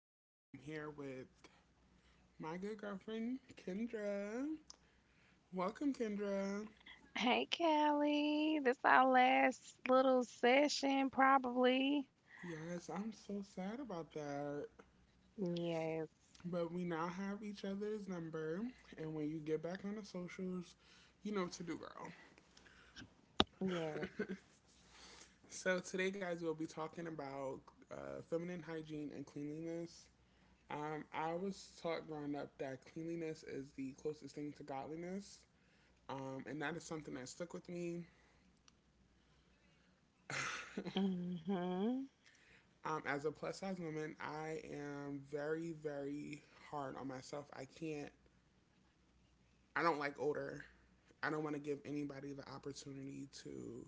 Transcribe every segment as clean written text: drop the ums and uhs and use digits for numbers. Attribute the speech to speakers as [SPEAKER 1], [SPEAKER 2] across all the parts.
[SPEAKER 1] and I am here with my good girlfriend Kendra. Welcome, Kendra.
[SPEAKER 2] Hey, Callie. This our last little session, probably.
[SPEAKER 1] Yes, I'm so sad about that.
[SPEAKER 2] Yes.
[SPEAKER 1] But we now have each other's number, and when you get back on the socials, you know what to do, girl.
[SPEAKER 2] Yes.
[SPEAKER 1] So today, guys, we'll be talking about feminine hygiene and cleanliness. I was taught growing up that cleanliness is the closest thing to godliness, and that is something that stuck with me.
[SPEAKER 2] Mhm.
[SPEAKER 1] As a plus size woman, I am very, very hard on myself. I don't like odor. I don't want to give anybody the opportunity to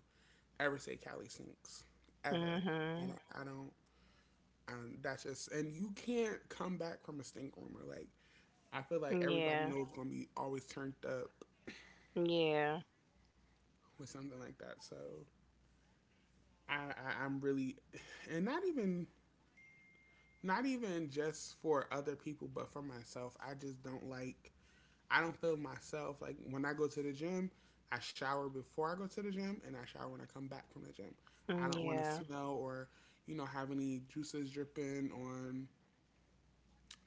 [SPEAKER 1] ever say Cali stinks, ever. I don't,
[SPEAKER 2] Mhm.
[SPEAKER 1] I don't, I don't, that's just, And you can't come back from a stink rumor. Like, I feel like everybody
[SPEAKER 2] Yeah.
[SPEAKER 1] knows going to be always turned up
[SPEAKER 2] Yeah.
[SPEAKER 1] with something like that. So I'm really, and not even, not even just for other people, but for myself, I just don't like I don't feel myself like when I go to the gym. I shower before I go to the gym, and I shower when I come back from the gym. I
[SPEAKER 2] Mm,
[SPEAKER 1] don't want to
[SPEAKER 2] yeah.
[SPEAKER 1] smell or have any juices dripping on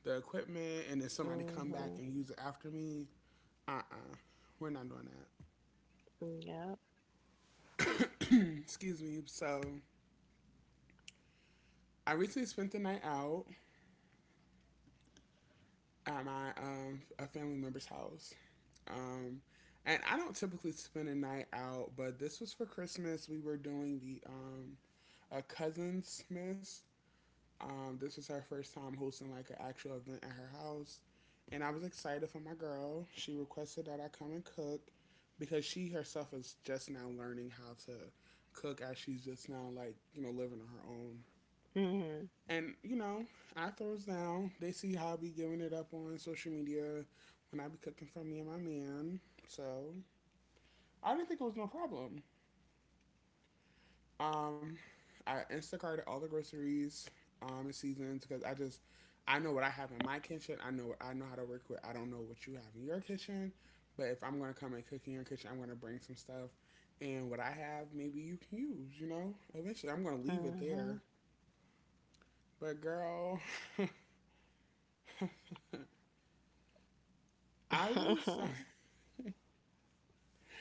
[SPEAKER 1] the equipment, and then somebody come back
[SPEAKER 2] Mhm.
[SPEAKER 1] and use it after me. Uh uh we are not doing
[SPEAKER 2] Yep.
[SPEAKER 1] that. Excuse me. So I recently spent the night out at my a family member's house. Um, and I don't typically spend a night out, but this was for Christmas. We were doing the a cousin's miss. This was her first time hosting like an actual event at her house, and I was excited for my girl. She requested that I come and cook because she herself is just now learning how to cook as she's just now like living on her own.
[SPEAKER 2] Mhm.
[SPEAKER 1] And you know, I throws down. They see how I be giving it up on social media when I be cooking for me and my man. So I didn't think it was no problem. Um, I Instacarted all the groceries, and seasons because I know what I have in my kitchen. I know how to work with. I don't know what you have in your kitchen, but if I'm gonna come and cook in your kitchen, I'm gonna bring some stuff, and what I have maybe you can use. You know, eventually I'm gonna leave it there.
[SPEAKER 2] Mhm.
[SPEAKER 1] But girl, I was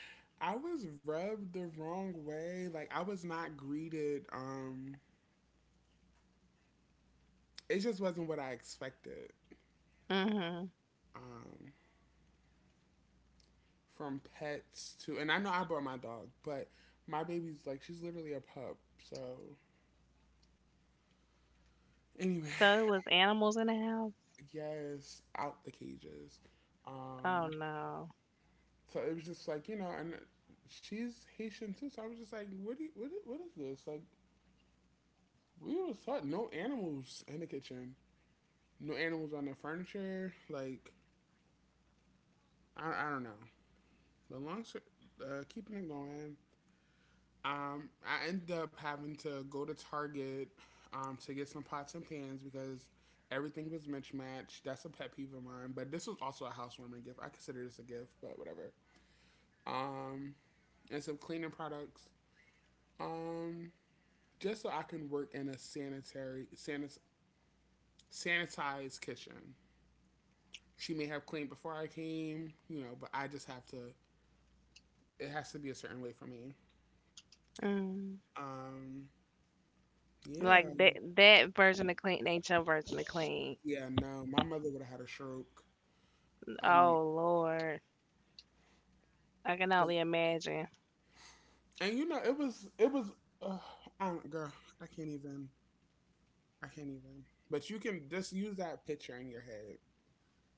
[SPEAKER 1] I was rubbed the wrong way. Like I was not greeted. It just wasn't what I expected.
[SPEAKER 2] Mhm.
[SPEAKER 1] Um, from pets to, and I know I brought my dog, but my baby's like she's literally a pup. So anyway,
[SPEAKER 2] So it was animals in the house.
[SPEAKER 1] yes, out the cages.
[SPEAKER 2] Oh
[SPEAKER 1] Um,
[SPEAKER 2] no.
[SPEAKER 1] so it was just like you know, and she's Haitian too. So I was just like, what do you, what is this? Like we was taught no animals in the kitchen, no animals on the furniture. Like I don't know. The long keeping it going. I ended up having to go to Target to get some pots and pans because everything was mismatched. That's a pet peeve of mine. But this was also a housewarming gift. I consider this a gift, but whatever. Um, and some cleaning products. Um, just so I can work in a sanitary, sanitized kitchen. She may have cleaned before I came, you know, but I just have to. It has to be a certain way for me.
[SPEAKER 2] Mm.
[SPEAKER 1] Um, yeah,
[SPEAKER 2] Like that version of clean ain't your version of clean.
[SPEAKER 1] yeah, no, my mother would have had a stroke. I'm
[SPEAKER 2] Oh Lord. I can only imagine.
[SPEAKER 1] And you know, it was. Uh, I don't, girl, I can't even. I can't even. But you can just use that picture in your head.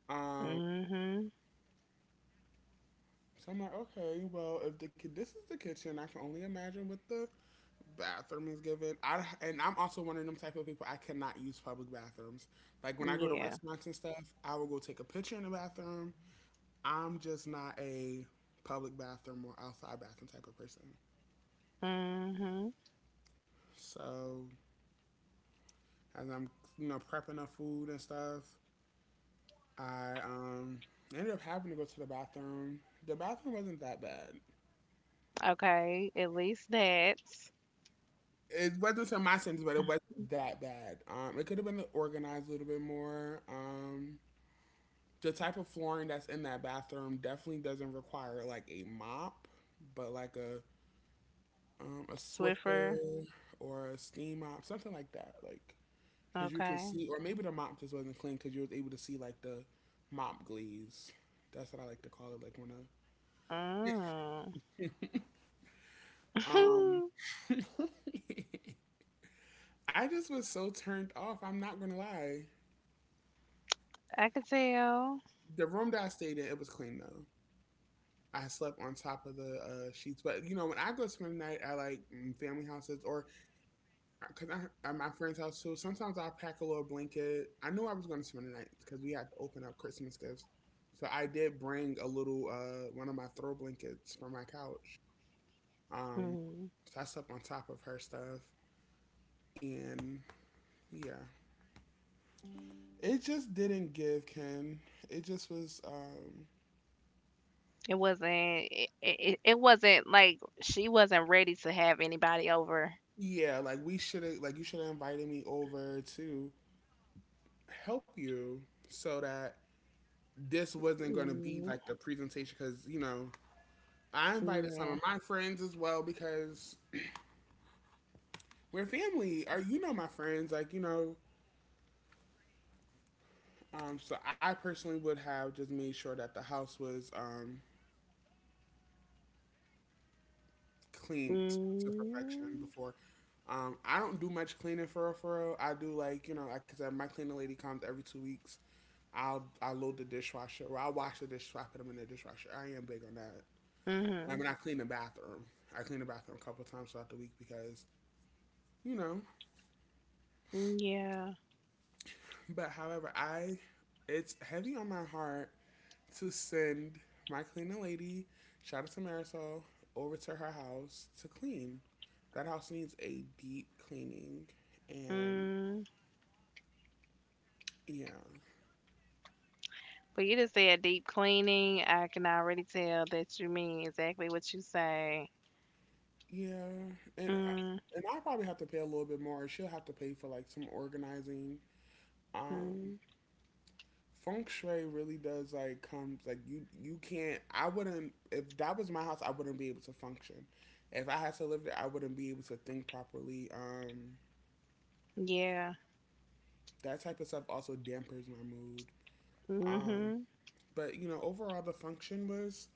[SPEAKER 1] Um,
[SPEAKER 2] Mhm.
[SPEAKER 1] so I'm like, okay, well, if the this is the kitchen, I can only imagine what the bathroom is given. I And I'm also one of them type of people. I cannot use public bathrooms. Like when I go to
[SPEAKER 2] Yeah.
[SPEAKER 1] restaurants and stuff, I will go take a picture in the bathroom. I'm just not a public bathroom or outside bathroom type of person.
[SPEAKER 2] Mhm.
[SPEAKER 1] So as I'm you know prepping the food and stuff, I ended up having to go to the bathroom. The bathroom wasn't that bad.
[SPEAKER 2] Okay, at least that's
[SPEAKER 1] It wasn't to my standards, but it wasn't that bad. It could have been organized a little bit more. The type of flooring that's in that bathroom definitely doesn't require like a mop, but like a
[SPEAKER 2] Swiffer.
[SPEAKER 1] Swiffer or a steam mop, something like that. Like, cause you can
[SPEAKER 2] Okay.
[SPEAKER 1] see, or maybe the mop just wasn't clean because you was able to see like the mop glaze. That's what I like to call it. Like when a
[SPEAKER 2] Mm.
[SPEAKER 1] Um, I just was so turned off. I'm not gonna lie.
[SPEAKER 2] I could tell.
[SPEAKER 1] The room that I stayed in, it was clean though. I slept on top of the sheets, but you know when I go spend the night at like family houses or because I'm at my friend's house too. Sometimes I'll pack a little blanket. I knew I was going to spend the night because we had to open up Christmas gifts, so I did bring a little one of my throw blankets from my couch. Um,
[SPEAKER 2] Mm.
[SPEAKER 1] so I slept on top of her stuff, and yeah, it just didn't give, Ken. It just was,
[SPEAKER 2] It wasn't like she wasn't ready to have anybody over.
[SPEAKER 1] yeah, like we should have, like you should have invited me over to help you so that this wasn't going to be
[SPEAKER 2] Mm,
[SPEAKER 1] like the presentation because, you know, I invited some
[SPEAKER 2] yeah.
[SPEAKER 1] of my friends as well because we're family, or you know, my friends, like, you know, so I personally would have just made sure that the house was, cleaned to perfection
[SPEAKER 2] Mm.
[SPEAKER 1] before. I don't do much cleaning for real, for real. I do like you know, like I said, my cleaning lady comes every 2 weeks. I load the dishwasher. Well, I wash the dishes, I put them in the dishwasher. I am big on that. I
[SPEAKER 2] Mhm.
[SPEAKER 1] mean, I clean the bathroom. I clean the bathroom a couple times throughout the week because you know.
[SPEAKER 2] Mm, yeah.
[SPEAKER 1] But however, I it's heavy on my heart to send my cleaning lady, shout out to Marisol, over to her house to clean. That house needs a deep cleaning, and
[SPEAKER 2] Mm.
[SPEAKER 1] yeah,
[SPEAKER 2] But you just said deep cleaning. I can already tell that you mean exactly what you say.
[SPEAKER 1] yeah, and I,
[SPEAKER 2] Mm.
[SPEAKER 1] and I probably have to pay a little bit more. She'll have to pay for like some organizing.
[SPEAKER 2] Hmm.
[SPEAKER 1] Um, Feng shui really does like comes like you can't. I wouldn't if that was my house. I wouldn't be able to function. If I had to live there, I wouldn't be able to think properly.
[SPEAKER 2] Yeah.
[SPEAKER 1] That type of stuff also dampers my mood. Um,
[SPEAKER 2] Mhm.
[SPEAKER 1] but you know, overall, the function was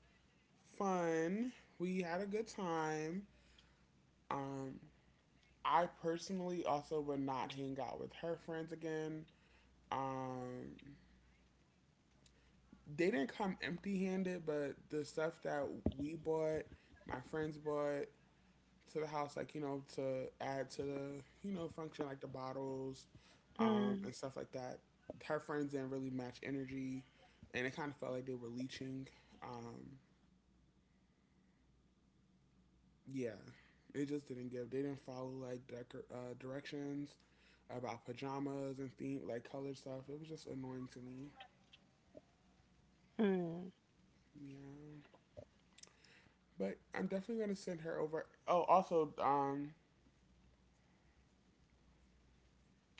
[SPEAKER 1] fun. We had a good time. Um, I personally also would not hang out with her friends again. Um, they didn't come empty handed, but the stuff that we bought, my friends bought to the house, like, you know, to add to the, you know, function, like the bottles
[SPEAKER 2] Mm-mm.
[SPEAKER 1] and stuff like that, her friends didn't really match energy. And it kind of felt like they were leeching. Um, yeah, it just didn't give. They didn't follow like directions about pajamas and theme like color stuff. It was just annoying to me.
[SPEAKER 2] Does
[SPEAKER 1] Yeah, but I'm definitely gonna send her over. Oh, also,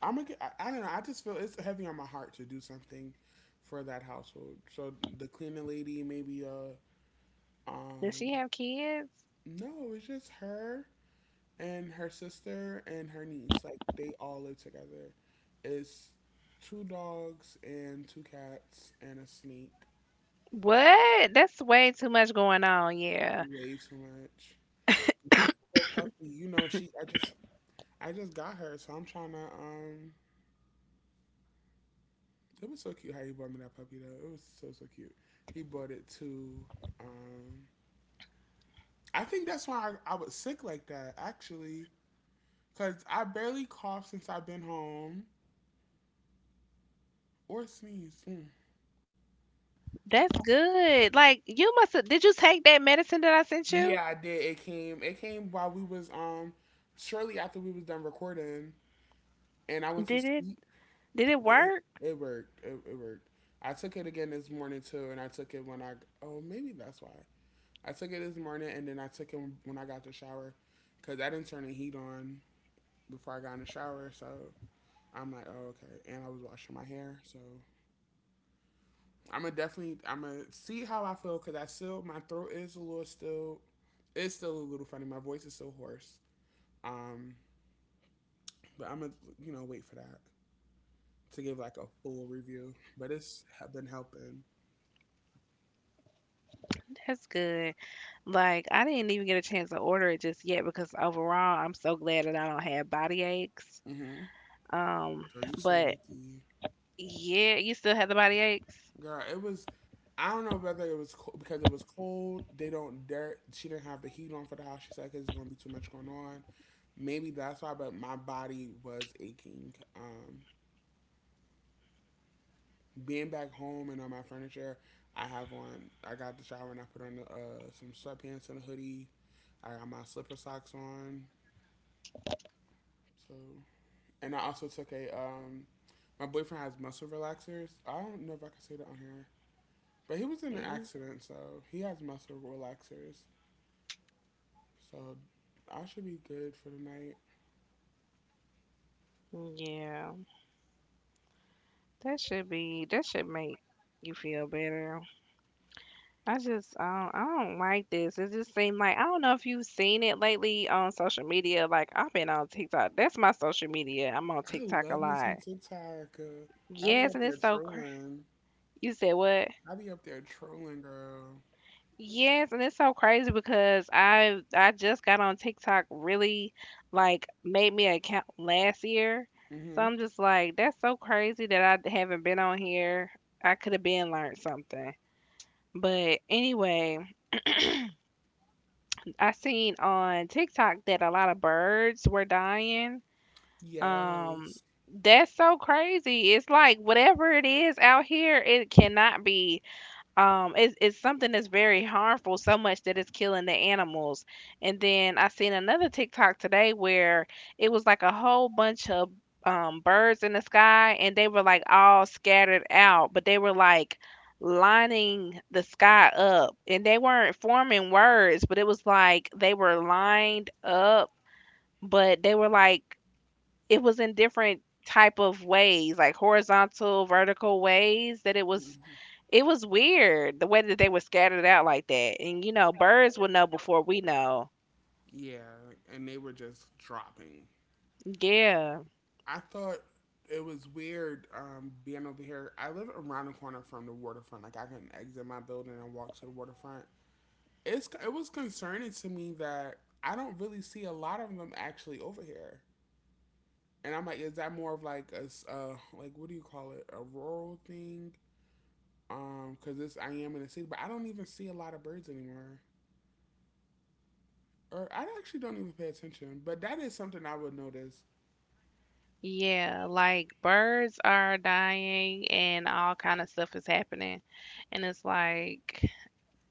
[SPEAKER 1] I'm gonna get. I don't know. I just feel it's heavy on my heart to do something for that household. So the cleaning lady, maybe um,
[SPEAKER 2] she have kids?
[SPEAKER 1] no, it's just her and her sister and her niece. Like they all live together. It's two dogs and two cats and a snake.
[SPEAKER 2] What? That's way too much going on. Yeah,
[SPEAKER 1] Way too much. My poor puppy. You know she. I just. I just got her, so I'm trying to. It was so cute how he bought me that puppy though. It was so so cute. He bought it to. Um, I think that's why I was sick like that actually, because I barely coughed since I've been home or sneezed. Mm, that's
[SPEAKER 2] that's good. Like you must have. Did you take that medicine that I sent you?
[SPEAKER 1] Yeah, I did. It came. It came while we was shortly after we was done recording, and I went to
[SPEAKER 2] Did it?
[SPEAKER 1] sleep.
[SPEAKER 2] Did it
[SPEAKER 1] It,
[SPEAKER 2] work?
[SPEAKER 1] it worked. It worked. I took it again this morning too, and I took it when I. Oh, maybe that's why. I took it this morning, and then I took it when I got the shower, cause I didn't turn the heat on before I got in the shower. So I'm like, oh okay. And I was washing my hair, so I'm gonna definitely. I'm gonna see how I feel, cause I still my throat is a little still. It's still a little funny. My voice is still hoarse. Um, But I'm gonna, wait for that to give like a full review. But it's been helping.
[SPEAKER 2] That's good. Like I didn't even get a chance to order it just yet because overall, I'm so glad that I don't have body aches.
[SPEAKER 1] Mm-hmm.
[SPEAKER 2] Um,
[SPEAKER 1] Girl, you so
[SPEAKER 2] but
[SPEAKER 1] lucky.
[SPEAKER 2] yeah, you still have the body aches.
[SPEAKER 1] Girl, it was. I don't know whether it was because it was cold. They don't dare. She didn't have the heat on for the house. She said because there's gonna be too much going on. Maybe that's why. But my body was aching. Being back home and on my furniture, I have on. I got the shower and I put on some sweatpants and a hoodie. I got my slipper socks on. So and I also took a my boyfriend has muscle relaxers. I don't know if I can say that on here, but he was in an
[SPEAKER 2] Mm,
[SPEAKER 1] accident, so he has muscle relaxers. So I should be good for the night.
[SPEAKER 2] yeah, that should be. That should make you feel better. I just I don't like this. It just seemed like I don't know if you've seen it lately on social media. Like I've been on TikTok. That's my social media. I'm on
[SPEAKER 1] I
[SPEAKER 2] TikTok a
[SPEAKER 1] love me some
[SPEAKER 2] lot.
[SPEAKER 1] TikTok. I be
[SPEAKER 2] Yes,
[SPEAKER 1] up
[SPEAKER 2] and
[SPEAKER 1] there trolling.
[SPEAKER 2] you said what?
[SPEAKER 1] I be up there trolling, girl.
[SPEAKER 2] Yes, and it's so crazy because I just got on TikTok really, like, made me an account last year. So
[SPEAKER 1] Mhm.
[SPEAKER 2] I'm just like that's so crazy that I haven't been on here. I could have been learned something. But anyway, I seen on TikTok that a lot of birds were dying. Um,
[SPEAKER 1] Yes.
[SPEAKER 2] that's so crazy. It's like whatever it is out here, it cannot be it's something that's very harmful so much that it's killing the animals, and then I seen another TikTok today where it was like a whole bunch of birds in the sky, and they were like all scattered out, but they were like lining the sky up, and they weren't forming words, but it was like they were lined up, but they were like it was in different type of ways, like horizontal, vertical ways that it was
[SPEAKER 1] Mhm.
[SPEAKER 2] it was weird the way that they were scattered out like that. And you know, birds will know before we know.
[SPEAKER 1] Yeah, and they were just dropping.
[SPEAKER 2] Yeah.
[SPEAKER 1] I thought it was weird, being over here. I live around the corner from the waterfront. Like I can exit my building and walk to the waterfront. It was concerning to me that I don't really see a lot of them actually over here. And I'm like, is that more of like a like what do you call it, a rural thing? Because this I am in the city, but I don't even see a lot of birds anymore. Or I actually don't even pay attention. But that is something I would notice.
[SPEAKER 2] Yeah, like birds are dying and all kind of stuff is happening. And it's like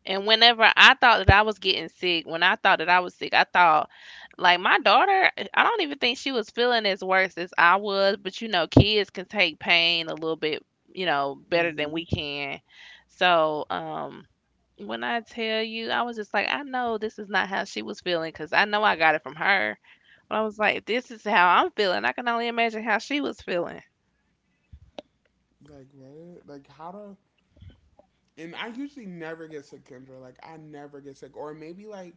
[SPEAKER 2] and whenever I thought that I was getting sick, when I thought that I was sick, I thought like my daughter, I don't even think she was feeling as worse as I was, but you know, kids can take pain a little bit, better than we
[SPEAKER 1] Hmm.
[SPEAKER 2] can. So, when I tell you, I was just like, I know this is not how she was feeling because I know I got it from her. But I was like, if this is how I'm feeling, I can only imagine how she was feeling.
[SPEAKER 1] Like what? Like how to? And I usually never get sick, Kendra. Like I never get sick, or maybe like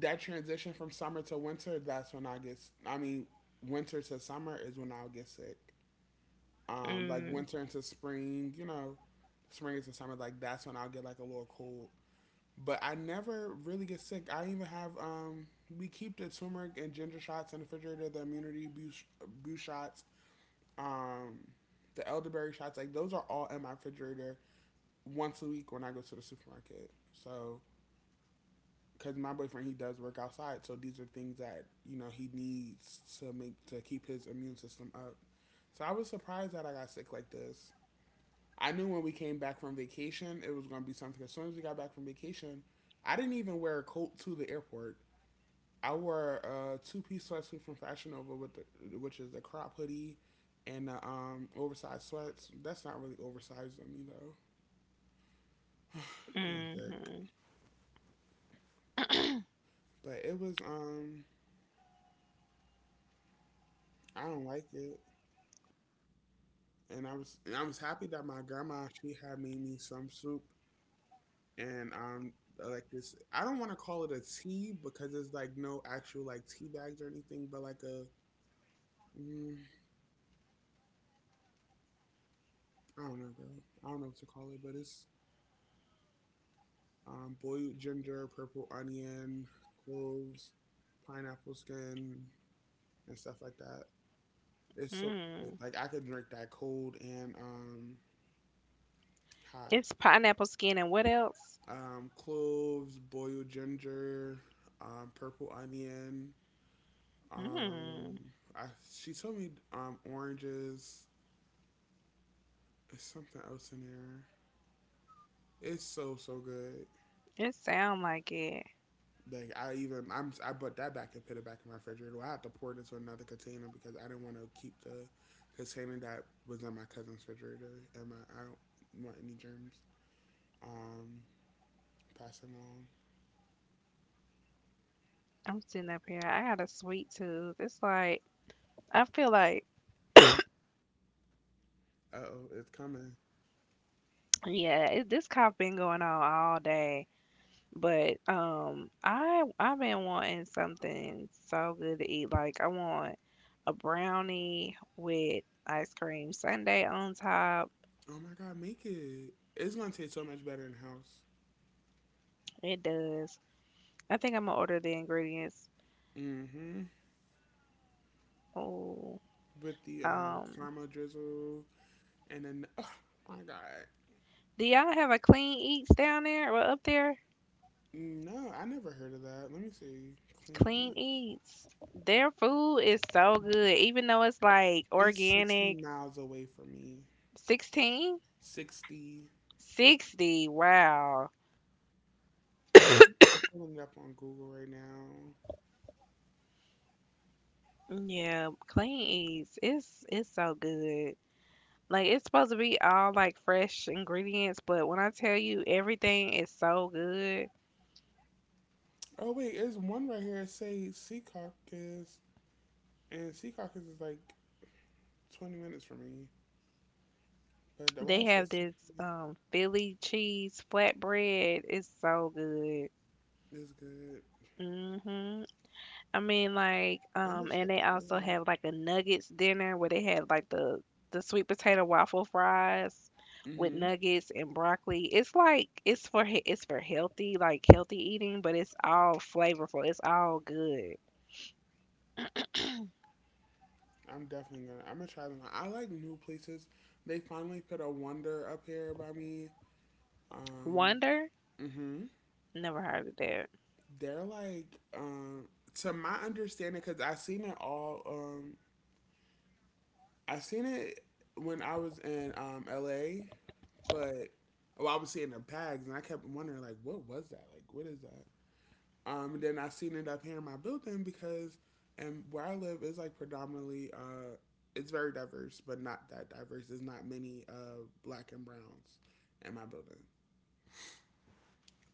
[SPEAKER 1] that transition from summer to winter. That's when I get. I mean, winter to summer is when I'll get sick. Like
[SPEAKER 2] Mm,
[SPEAKER 1] winter into spring, you know, spring into summer. Like that's when I'll get like a little cold. But I never really get sick. I even have we keep the turmeric and ginger shots in the refrigerator, the immunity boost, boost shots, um, the elderberry shots. Like those are all in my refrigerator once a week when I go to the supermarket. So because my boyfriend he does work outside, so these are things that you know he needs to make to keep his immune system up. So I was surprised that I got sick like this. I knew when we came back from vacation, it was going to be something. As soon as we got back from vacation, I didn't even wear a coat to the airport. I wore a two-piece sweatsuit from Fashion Nova with the, which is the crop hoodie and the oversized sweats. That's not really oversized on me though, being thick.
[SPEAKER 2] mm,
[SPEAKER 1] But it was I don't like it, and I was happy that my grandma she had made me some soup and like this. I don't want to call it a tea because it's like no actual like tea bags or anything, but like a Mm, I don't know, girl. I don't know what to call it, but it's boiled ginger, purple onion, cloves, pineapple skin, and stuff like that. It's so good.
[SPEAKER 2] mm.
[SPEAKER 1] Like I could drink that cold and, hot.
[SPEAKER 2] It's pineapple skin and what else?
[SPEAKER 1] Cloves, boiled ginger, purple onion.
[SPEAKER 2] Mm,
[SPEAKER 1] Um, I, she told me oranges. There's something else in there. It's so so good.
[SPEAKER 2] it sound like it.
[SPEAKER 1] Like I even I put that back and put it back in my refrigerator. Well, I had to pour it into another container because I didn't want to keep the container that was in my cousin's refrigerator and my I don't want any germs Um, passing along.
[SPEAKER 2] I'm sitting up here. I got a sweet tooth. It's like I feel like
[SPEAKER 1] Uh oh, it's coming.
[SPEAKER 2] yeah, this cough been going on all day. But I've been wanting something so good to eat. Like I want a brownie with ice cream sundae on top.
[SPEAKER 1] Oh my god, make it! It's gonna taste so much better in the house.
[SPEAKER 2] It does. I think I'm gonna order the ingredients.
[SPEAKER 1] Mm-hmm.
[SPEAKER 2] Oh,
[SPEAKER 1] With the
[SPEAKER 2] um,
[SPEAKER 1] caramel drizzle and then oh my god.
[SPEAKER 2] do y'all have a Clean Eats down there or up there?
[SPEAKER 1] No, I never heard of that. Let me see. Clean
[SPEAKER 2] Clean
[SPEAKER 1] Eats.
[SPEAKER 2] Eats. Their food is so good, even though it's like
[SPEAKER 1] It's sixty
[SPEAKER 2] organic.
[SPEAKER 1] miles away from me.
[SPEAKER 2] 16?
[SPEAKER 1] 60.
[SPEAKER 2] 60. Wow.
[SPEAKER 1] I'm pulling it up on Google right now.
[SPEAKER 2] Yeah, Clean Eats. It's so good. Like it's supposed to be all like fresh ingredients, but when I tell you everything is so good,
[SPEAKER 1] Oh wait, there's one right here. It say Secaucus, and Secaucus is like 20 minutes from me. But the why I
[SPEAKER 2] they
[SPEAKER 1] say
[SPEAKER 2] have this
[SPEAKER 1] Secaucus
[SPEAKER 2] Philly cheese flatbread. It's so good.
[SPEAKER 1] is good.
[SPEAKER 2] Mhm. I mean, like
[SPEAKER 1] I'm gonna
[SPEAKER 2] and
[SPEAKER 1] check
[SPEAKER 2] they also
[SPEAKER 1] them
[SPEAKER 2] have like a nuggets dinner where they have like the sweet potato waffle fries
[SPEAKER 1] out.
[SPEAKER 2] with
[SPEAKER 1] Hmm.
[SPEAKER 2] nuggets and broccoli. It's like it's for healthy, like healthy eating, but it's all flavorful. It's all good.
[SPEAKER 1] I'm definitely gonna. I'm gonna try them out. I like new places. They finally put a Wonder up here by me. Um.
[SPEAKER 2] Wonder?
[SPEAKER 1] Hmm.
[SPEAKER 2] Never heard of that.
[SPEAKER 1] They're like, to my understanding, because I seen it all. I seen it when I was in LA. But oh, I would see it in the bags, and I kept wondering like, what was that? Like, what is that? And then I seen it up here in my building because, and where I live is like predominantly, it's very diverse, but not that diverse. There's not many black and browns in my building.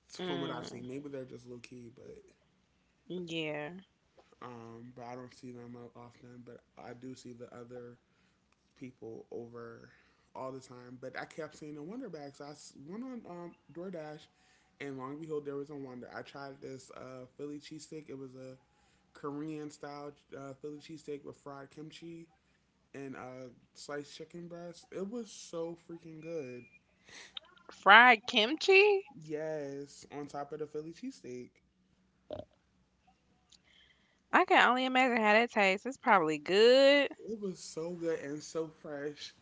[SPEAKER 1] So from what I've seen.
[SPEAKER 2] Mm,
[SPEAKER 1] Maybe they're just low key,
[SPEAKER 2] yeah.
[SPEAKER 1] but I don't see them often. But I do see the other people over all the time, but I kept seeing the Wonder Bag. So I went on DoorDash, and long and behold, there was a Wonder. I tried this Philly cheesesteak. It was a Korean style Philly cheesesteak with fried kimchi and sliced chicken breast. It was so freaking good.
[SPEAKER 2] Fried kimchi?
[SPEAKER 1] Yes, on top of the Philly cheesesteak.
[SPEAKER 2] I can only imagine how that tastes. It's probably good.
[SPEAKER 1] It was so good and so fresh.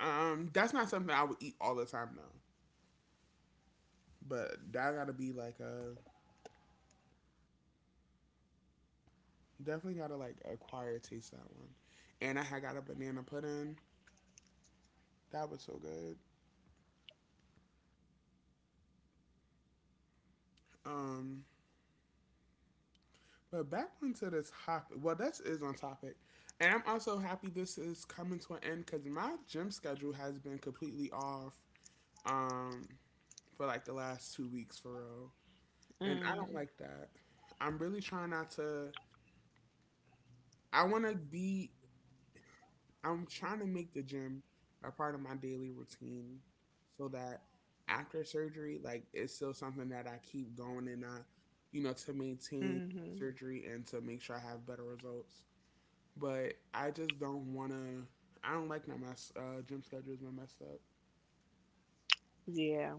[SPEAKER 1] That's not something I would eat all the time though. But that gotta be like a Definitely gotta like acquire taste that one. And I had got a banana pudding. That was so good. Um, but back onto the topic. Well, this is on topic. And I'm also happy this is coming to an end because my gym schedule has been completely off, um, for like the last 2 weeks for real. And I don't
[SPEAKER 2] Mm,
[SPEAKER 1] like that. I'm really trying not to. I want to be I'm trying to make the gym a part of my daily routine so that after surgery, like it's still something that I keep going and I, you know, to maintain
[SPEAKER 2] hmm.
[SPEAKER 1] surgery and to make sure I have better results. But I just don't want to. I don't like that my gym schedule is messed up.
[SPEAKER 2] Yeah.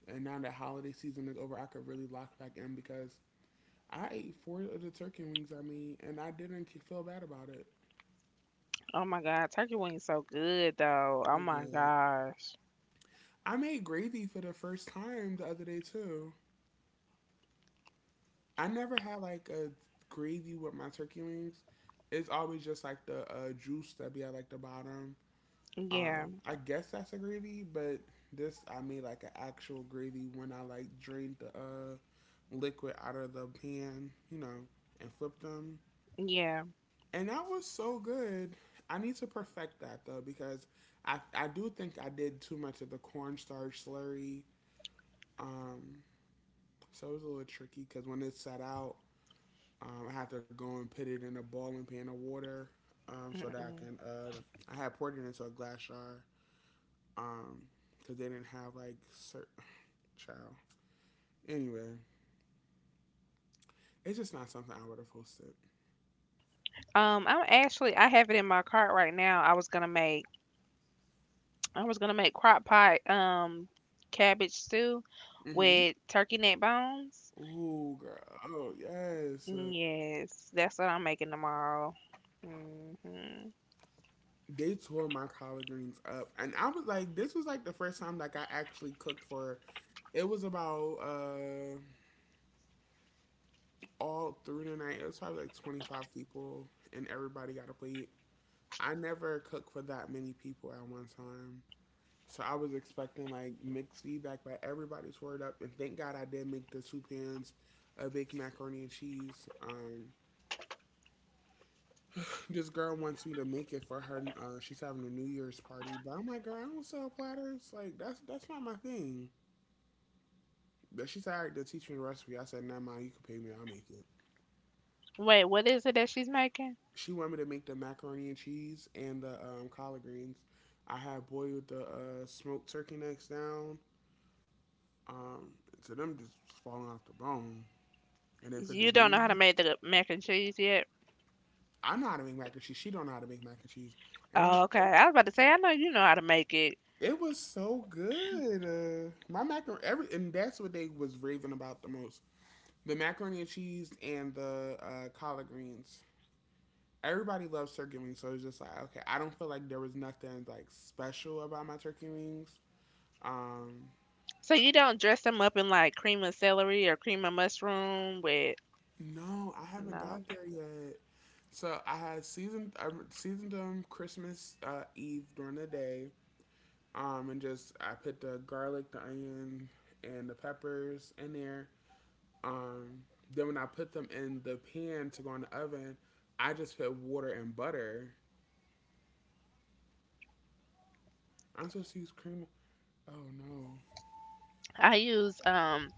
[SPEAKER 1] And now that holiday season is over, I could really lock back in because I ate four of the turkey wings I made and I didn't feel bad about it.
[SPEAKER 2] Oh my God. Turkey wings so good though. Oh
[SPEAKER 1] Really
[SPEAKER 2] my
[SPEAKER 1] good.
[SPEAKER 2] gosh.
[SPEAKER 1] I made gravy for the first time the other day too. I never had like a gravy with my turkey wings. It's always just like the juice that be at like the bottom.
[SPEAKER 2] Yeah.
[SPEAKER 1] I guess that's a gravy, but this I made like an actual gravy when I like drained the liquid out of the pan, you know, and flipped them.
[SPEAKER 2] Yeah.
[SPEAKER 1] And that was so good. I need to perfect that though because I do think I did too much of the cornstarch slurry. Um, so it was a little tricky because when it set out, I have to go and put it in a boiling pan of water, so that I
[SPEAKER 2] Mm-mm.
[SPEAKER 1] can. I had poured it into a glass jar, um, because they didn't have like certain child. Anyway, it's just not something I would have hosted.
[SPEAKER 2] I have it in my cart right now. I was gonna make crock pot cabbage stew
[SPEAKER 1] Mm-hmm.
[SPEAKER 2] with turkey neck bones.
[SPEAKER 1] Ooh, girl. Oh yes.
[SPEAKER 2] Yes, that's what I'm making tomorrow. Hmm.
[SPEAKER 1] They tore my collard greens up, and I was like, this was like the first time like I actually cooked for. It was about all through the night. It was probably like 25 people, and everybody got a plate. I never cooked for that many people at one time. So I was expecting like mixed feedback, but everybody tore it up. And thank God I did make the two pans of baked macaroni and cheese. This girl wants me to make it for her. She's having a New Year's party, but I'm like, girl, I don't sell platters. Like that's not my thing. But she said, all right, then teach me the recipe. I said, never mind, you can pay me, I'll make it.
[SPEAKER 2] Wait, what is it that she's making?
[SPEAKER 1] She wanted me to make the macaroni and cheese and the collard greens. I had boiled the smoked turkey necks down, Um, so them just falling off the bone, and they put the
[SPEAKER 2] You don't know how to
[SPEAKER 1] green.
[SPEAKER 2] make the mac and cheese yet?
[SPEAKER 1] I know how to make mac and cheese. She don't know how to make mac and cheese, and I'm.
[SPEAKER 2] Oh, okay.
[SPEAKER 1] Like,
[SPEAKER 2] I was about to say, I know you know how to make it.
[SPEAKER 1] it was so good. My macaroni, every, and that's what they was raving about the most: the macaroni and cheese and the collard greens. Everybody loves turkey wings, so it's just like okay. I don't feel like there was nothing like special about my turkey wings. Um,
[SPEAKER 2] So you don't dress them up in like cream of celery or cream of mushroom with
[SPEAKER 1] No, I haven't
[SPEAKER 2] no.
[SPEAKER 1] got there yet. So I seasoned them Christmas Eve during the day, and just I put the garlic, the onion, and the peppers in there. Um, then when I put them in the pan to go in the oven, I just put water and butter. I'm supposed to use cream. Oh no.
[SPEAKER 2] I use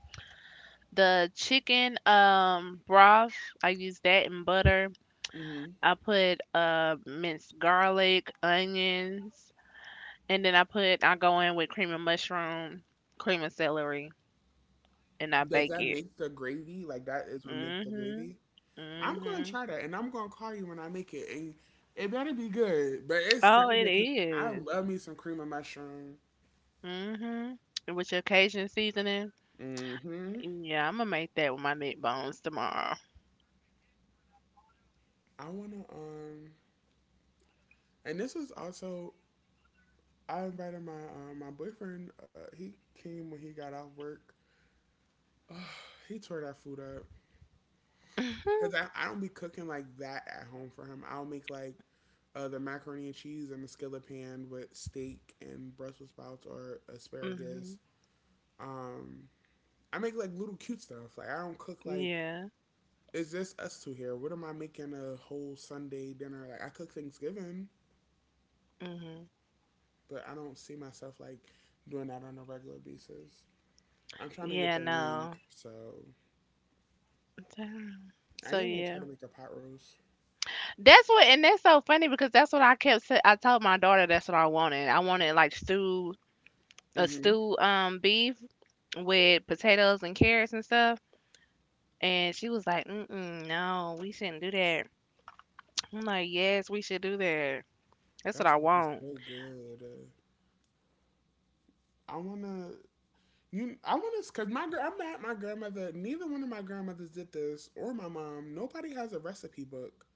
[SPEAKER 2] the chicken broth. I use that and butter.
[SPEAKER 1] Hmm.
[SPEAKER 2] I put minced garlic, onions, and then I go in with cream of mushroom, cream of celery, and I
[SPEAKER 1] Does
[SPEAKER 2] bake
[SPEAKER 1] that
[SPEAKER 2] it.
[SPEAKER 1] make the gravy? Like, that is what makes the
[SPEAKER 2] Mhm.
[SPEAKER 1] gravy? I'm gonna
[SPEAKER 2] Mhm.
[SPEAKER 1] try that, and I'm gonna call you when I make it, and it better be good. But it's not,
[SPEAKER 2] Oh, it
[SPEAKER 1] cause I
[SPEAKER 2] is.
[SPEAKER 1] love me some cream of mushroom.
[SPEAKER 2] Mhm. And with your Cajun seasoning.
[SPEAKER 1] Mm-hmm.
[SPEAKER 2] Yeah, I'm gonna make that with my meat bones tomorrow.
[SPEAKER 1] I wanna and this was also I invited my my boyfriend. He came when he got off work. Ugh, he tore that food up
[SPEAKER 2] Mhm.
[SPEAKER 1] because I don't be cooking like that at home for him. I'll make like the macaroni and cheese in the skillet pan with steak and Brussels sprouts or
[SPEAKER 2] Mhm.
[SPEAKER 1] asparagus. Um, I make like little cute stuff. Like, I don't cook like
[SPEAKER 2] Yeah.
[SPEAKER 1] it's just us two here. What am I making a whole Sunday dinner? Like I cook Thanksgiving,
[SPEAKER 2] Mhm.
[SPEAKER 1] but I don't see myself like doing that on a regular basis. I'm trying to get
[SPEAKER 2] Yeah.
[SPEAKER 1] the ring,
[SPEAKER 2] No.
[SPEAKER 1] so
[SPEAKER 2] Damn.
[SPEAKER 1] I
[SPEAKER 2] So
[SPEAKER 1] am gonna try
[SPEAKER 2] yeah.
[SPEAKER 1] to make a pot roast.
[SPEAKER 2] That's what, and that's so funny because that's what I kept. Say, I told my daughter that's what I wanted. I wanted like a
[SPEAKER 1] Hmm.
[SPEAKER 2] stew, beef with potatoes and carrots and stuff. And she was like, mm-mm, "No, we shouldn't do that." I'm like, "Yes, we should do that. That's what I
[SPEAKER 1] That's what be
[SPEAKER 2] want."
[SPEAKER 1] so good. I wanna. You, I want to, cause I'm at my grandmother, neither one of my grandmothers did this, or my mom. Nobody has a recipe book.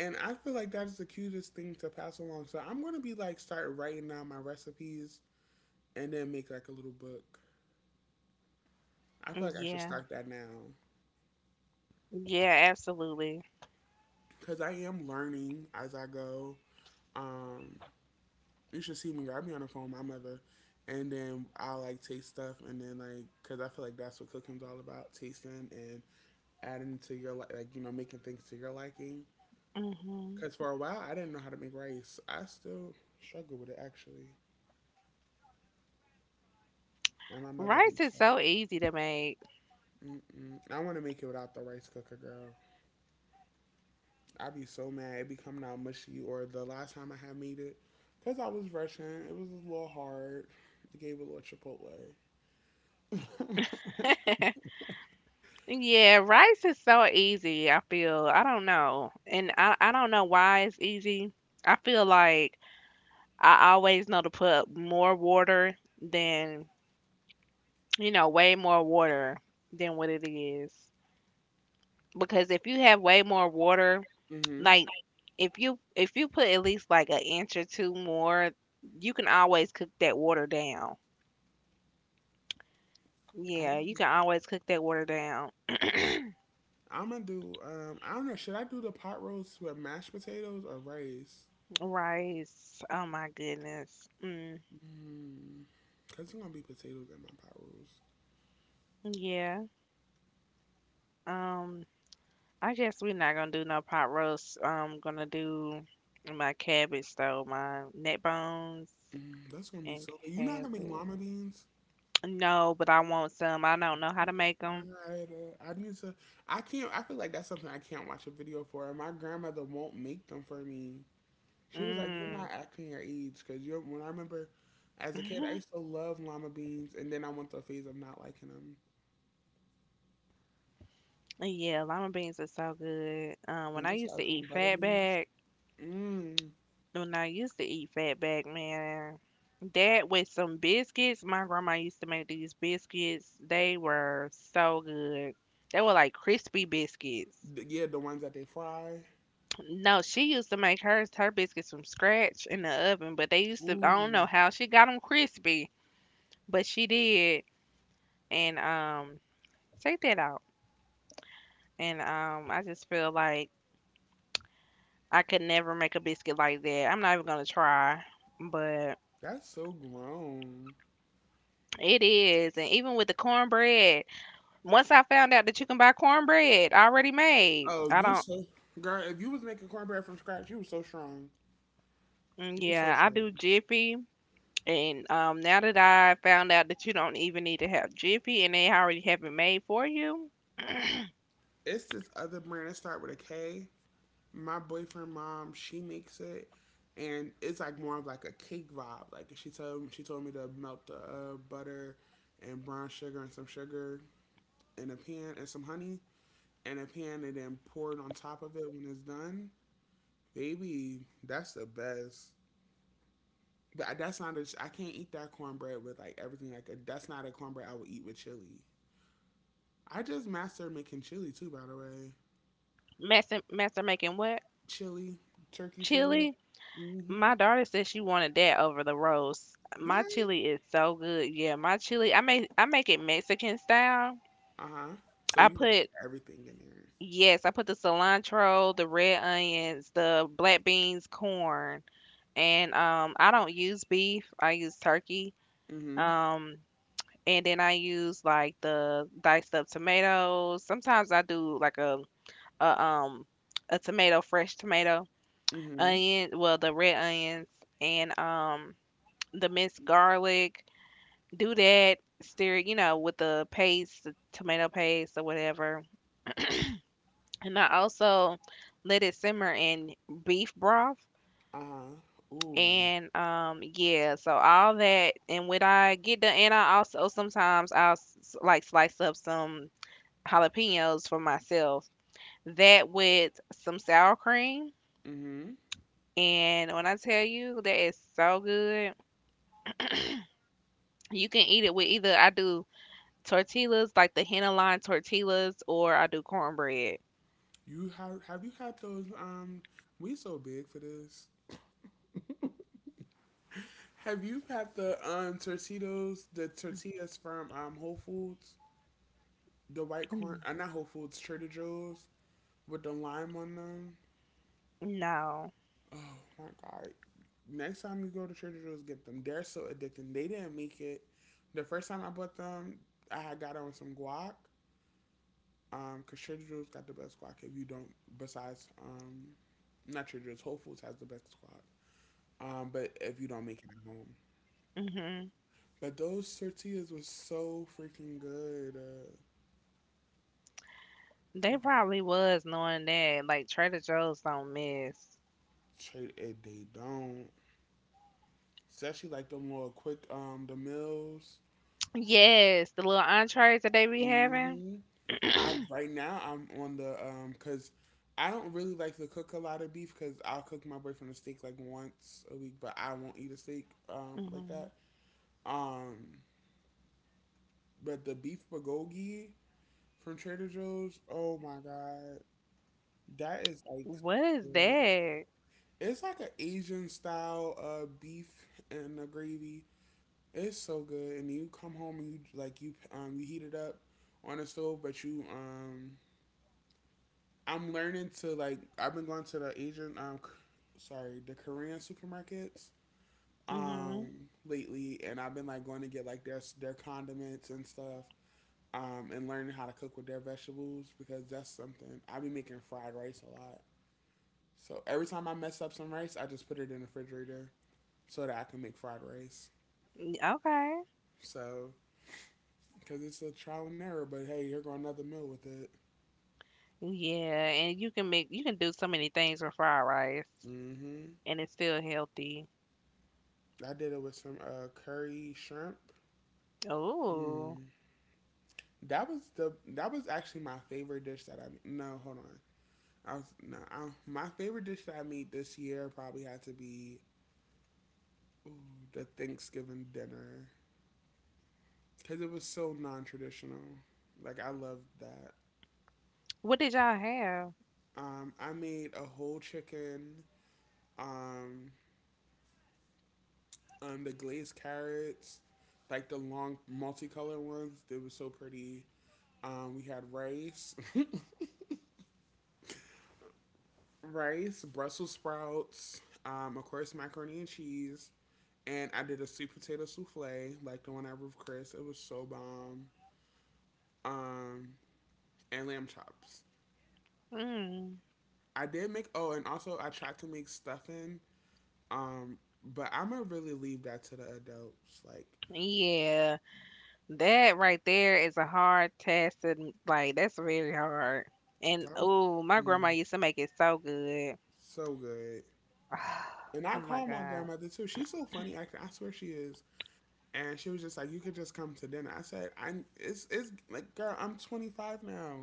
[SPEAKER 1] And I feel like that's the cutest thing to pass along. So I'm gonna be like start writing down my recipes and then make like a little book. I feel like I should
[SPEAKER 2] Yeah.
[SPEAKER 1] start that now
[SPEAKER 2] Yeah, absolutely.
[SPEAKER 1] because I am learning as I go. Um, you should see me. I'll be on the phone with my mother, and then I'll like taste stuff, and then like, because I feel like that's what cooking's all about: tasting and adding to your like, you know, making things to your liking.
[SPEAKER 2] Hmm.
[SPEAKER 1] Because for a while I didn't know how to make rice. I still struggle with it actually, and my mother
[SPEAKER 2] Rice
[SPEAKER 1] hates
[SPEAKER 2] is
[SPEAKER 1] it.
[SPEAKER 2] so easy to make.
[SPEAKER 1] Mm-mm. I want to make it without the rice cooker, girl. I'd be so mad. It'd be coming out mushy. Or the last time I had made it, because I was rushing, it was a little hard. It gave it a little chipotle.
[SPEAKER 2] Yeah, rice is so easy. I don't know, and I don't know why it's easy. I feel like I always know to put more water than way more water than what it is. Because if you have way more water,
[SPEAKER 1] Mm-hmm.
[SPEAKER 2] like if you put at least like an inch or two more, you can always cook that water down.
[SPEAKER 1] I
[SPEAKER 2] Yeah,
[SPEAKER 1] want.
[SPEAKER 2] you can always cook that water down.
[SPEAKER 1] I'm gonna do. I don't know. Should I do the pot roast with mashed potatoes or rice?
[SPEAKER 2] Rice. Oh my goodness. Mm,
[SPEAKER 1] Mm. Cause it's gonna be potatoes in my pot roast.
[SPEAKER 2] yeah. Um, I guess we're not gonna do no pot roast. I'm gonna do my cabbage though, my neck bones
[SPEAKER 1] Mm, that's gonna be
[SPEAKER 2] and
[SPEAKER 1] so good. You're not gonna make
[SPEAKER 2] cabbage.
[SPEAKER 1] llama beans.
[SPEAKER 2] No, but I want some. I don't know how to make them.
[SPEAKER 1] Right, I need to. I can't. I feel like that's something I can't watch a video for. And my grandmother won't make them for me. She was like, "You're
[SPEAKER 2] Mm.
[SPEAKER 1] not acting your age," because you're. When I remember, as a kid, I used to love lima beans, and then I went through a phase of not liking them.
[SPEAKER 2] Yeah, lima beans are so good. When
[SPEAKER 1] And
[SPEAKER 2] I
[SPEAKER 1] what's the
[SPEAKER 2] used to
[SPEAKER 1] other one?
[SPEAKER 2] eat
[SPEAKER 1] Butter beans.
[SPEAKER 2] fatback.
[SPEAKER 1] Mmm.
[SPEAKER 2] When I used to eat fatback, man, that with some biscuits, my grandma used to make these biscuits. They were so good. They were like crispy biscuits.
[SPEAKER 1] Th- Yeah, the ones that they fry.
[SPEAKER 2] No, she used to make hers, her biscuits from scratch in the oven, but they used to, I don't
[SPEAKER 1] Ooh,
[SPEAKER 2] know how she got them crispy, but she did. And take that out. And I just feel like I could never make a biscuit like that. I'm not even gonna try, but
[SPEAKER 1] that's so grown.
[SPEAKER 2] it is. And even with the cornbread. Once I found out that you can buy cornbread already made,
[SPEAKER 1] Oh,
[SPEAKER 2] I
[SPEAKER 1] you
[SPEAKER 2] don't.
[SPEAKER 1] so girl. If you was making cornbread from scratch, you was so strong.
[SPEAKER 2] Mm,
[SPEAKER 1] You was so
[SPEAKER 2] yeah, I
[SPEAKER 1] strong.
[SPEAKER 2] do Jiffy, and now that I found out that you don't even need to have Jiffy, and they already have it made for you,
[SPEAKER 1] It's this other brand that start with a K. My boyfriend mom she makes it, and it's like more of like a cake vibe. Like, she told me to melt the butter and brown sugar and some sugar in a pan and some honey in a pan, and then pour it on top of it when it's done. Baby, that's the best. But that's not a, I can't eat that cornbread with like everything. Like, that's not a cornbread I would eat with chili. I just mastered making chili too, by the way.
[SPEAKER 2] master making what
[SPEAKER 1] Chili. Turkey chili.
[SPEAKER 2] chili?
[SPEAKER 1] Mm-hmm.
[SPEAKER 2] My daughter said she wanted that over the roast. My
[SPEAKER 1] What?
[SPEAKER 2] chili is so good. Yeah, my chili. I make it Mexican style.
[SPEAKER 1] Uh huh. So
[SPEAKER 2] I
[SPEAKER 1] you got the,
[SPEAKER 2] put
[SPEAKER 1] everything in
[SPEAKER 2] yes, I put the cilantro, the red onions, the black beans, corn. And I don't use beef, I use turkey.
[SPEAKER 1] there. Mm
[SPEAKER 2] Um and then I use like the diced up tomatoes. Sometimes I do like a um a tomato, fresh tomato,
[SPEAKER 1] hmm. Mm hmm.
[SPEAKER 2] onion, well the red onions and the minced garlic. Do that, stir it, with the paste, the tomato paste or whatever. And I also let it simmer in beef broth.
[SPEAKER 1] Uh huh. Ooh.
[SPEAKER 2] And yeah, so all that, and when I get done, and I also sometimes I'll like slice up some jalapenos for myself. That with some sour cream.
[SPEAKER 1] Mm hmm.
[SPEAKER 2] And when I tell you that is so good, you can eat it with either I do tortillas like the henna line tortillas or I do cornbread.
[SPEAKER 1] You have you had those? We so big for this. Have you had the tortillas, the tortillas from Whole Foods, the white corn?
[SPEAKER 2] Mm,
[SPEAKER 1] Not Whole Foods, Trader Joe's with the lime on them.
[SPEAKER 2] no.
[SPEAKER 1] Oh my god! Next time you go to Trader Joe's, get them. They're so addicting. They didn't make it. The first time I bought them, I had got on some guac. Cause Trader Joe's got the best squad. If you don't, besides not Trader Joe's, Whole Foods has the best squad. But if you don't make it at home,
[SPEAKER 2] Hmm.
[SPEAKER 1] but those tortillas was so freaking good.
[SPEAKER 2] They
[SPEAKER 1] Ooh,
[SPEAKER 2] probably was knowing that like Trader Joe's don't miss.
[SPEAKER 1] trade it, they don't. Especially like them little quick the meals.
[SPEAKER 2] Yes, the little entrees that they be having.
[SPEAKER 1] Hmm. I right now I'm on the cause I don't really like to cook a lot of beef because I'll cook my boyfriend a steak like once a week, but I won't eat a steak like
[SPEAKER 2] Mhm.
[SPEAKER 1] that. Um, But the beef bulgogi from Trader Joe's, oh my god, that is like so
[SPEAKER 2] What is
[SPEAKER 1] good.
[SPEAKER 2] that?
[SPEAKER 1] It's like an Asian style beef and the gravy. It's so good, and you come home and you like you you heat it up on the stove, but you I'm learning to like I've been going to the Asian sorry, the Korean supermarkets
[SPEAKER 2] Mhm.
[SPEAKER 1] lately, and I've been like going to get like their condiments and stuff and learning how to cook with their vegetables because that's something I be making fried rice a lot. So every time I mess up some rice, I just put it in the refrigerator so that I can make fried rice.
[SPEAKER 2] Okay.
[SPEAKER 1] So because it's a trial and error, but hey, here go another meal with it.
[SPEAKER 2] Yeah, and you can do so many things with fried rice,
[SPEAKER 1] Mm-hmm.
[SPEAKER 2] and it's still healthy.
[SPEAKER 1] I did it with some curry shrimp.
[SPEAKER 2] Oh,
[SPEAKER 1] Mm. That was the that was actually my favorite dish that I no hold on I was no I, my favorite dish that I made this year probably had to be ooh, the Thanksgiving dinner because it was so non-traditional. Like, I loved that.
[SPEAKER 2] what did y'all have?
[SPEAKER 1] I made a whole chicken. Um, the glazed carrots, like the long multicolored ones, they were so pretty. We had rice, rice, Brussels sprouts, of course macaroni and cheese, and I did a sweet potato souffle, like the one I had with Chris. It was so bomb. Um, and lamb chops.
[SPEAKER 2] Mm.
[SPEAKER 1] I did make oh, and also I tried to make stuffing. Um, but I'm gonna really leave that to the adults. Like,
[SPEAKER 2] Yeah, that right there is a hard task to like. That's very hard. And
[SPEAKER 1] that was
[SPEAKER 2] oh, my
[SPEAKER 1] mm,
[SPEAKER 2] grandma used to make it so good.
[SPEAKER 1] so good. And I
[SPEAKER 2] Oh my
[SPEAKER 1] called my
[SPEAKER 2] God.
[SPEAKER 1] grandmother too. She's so funny. Actually, I swear she is. And she was just like, "You could just come to dinner." I said, "I it's like, girl, I'm 25 now.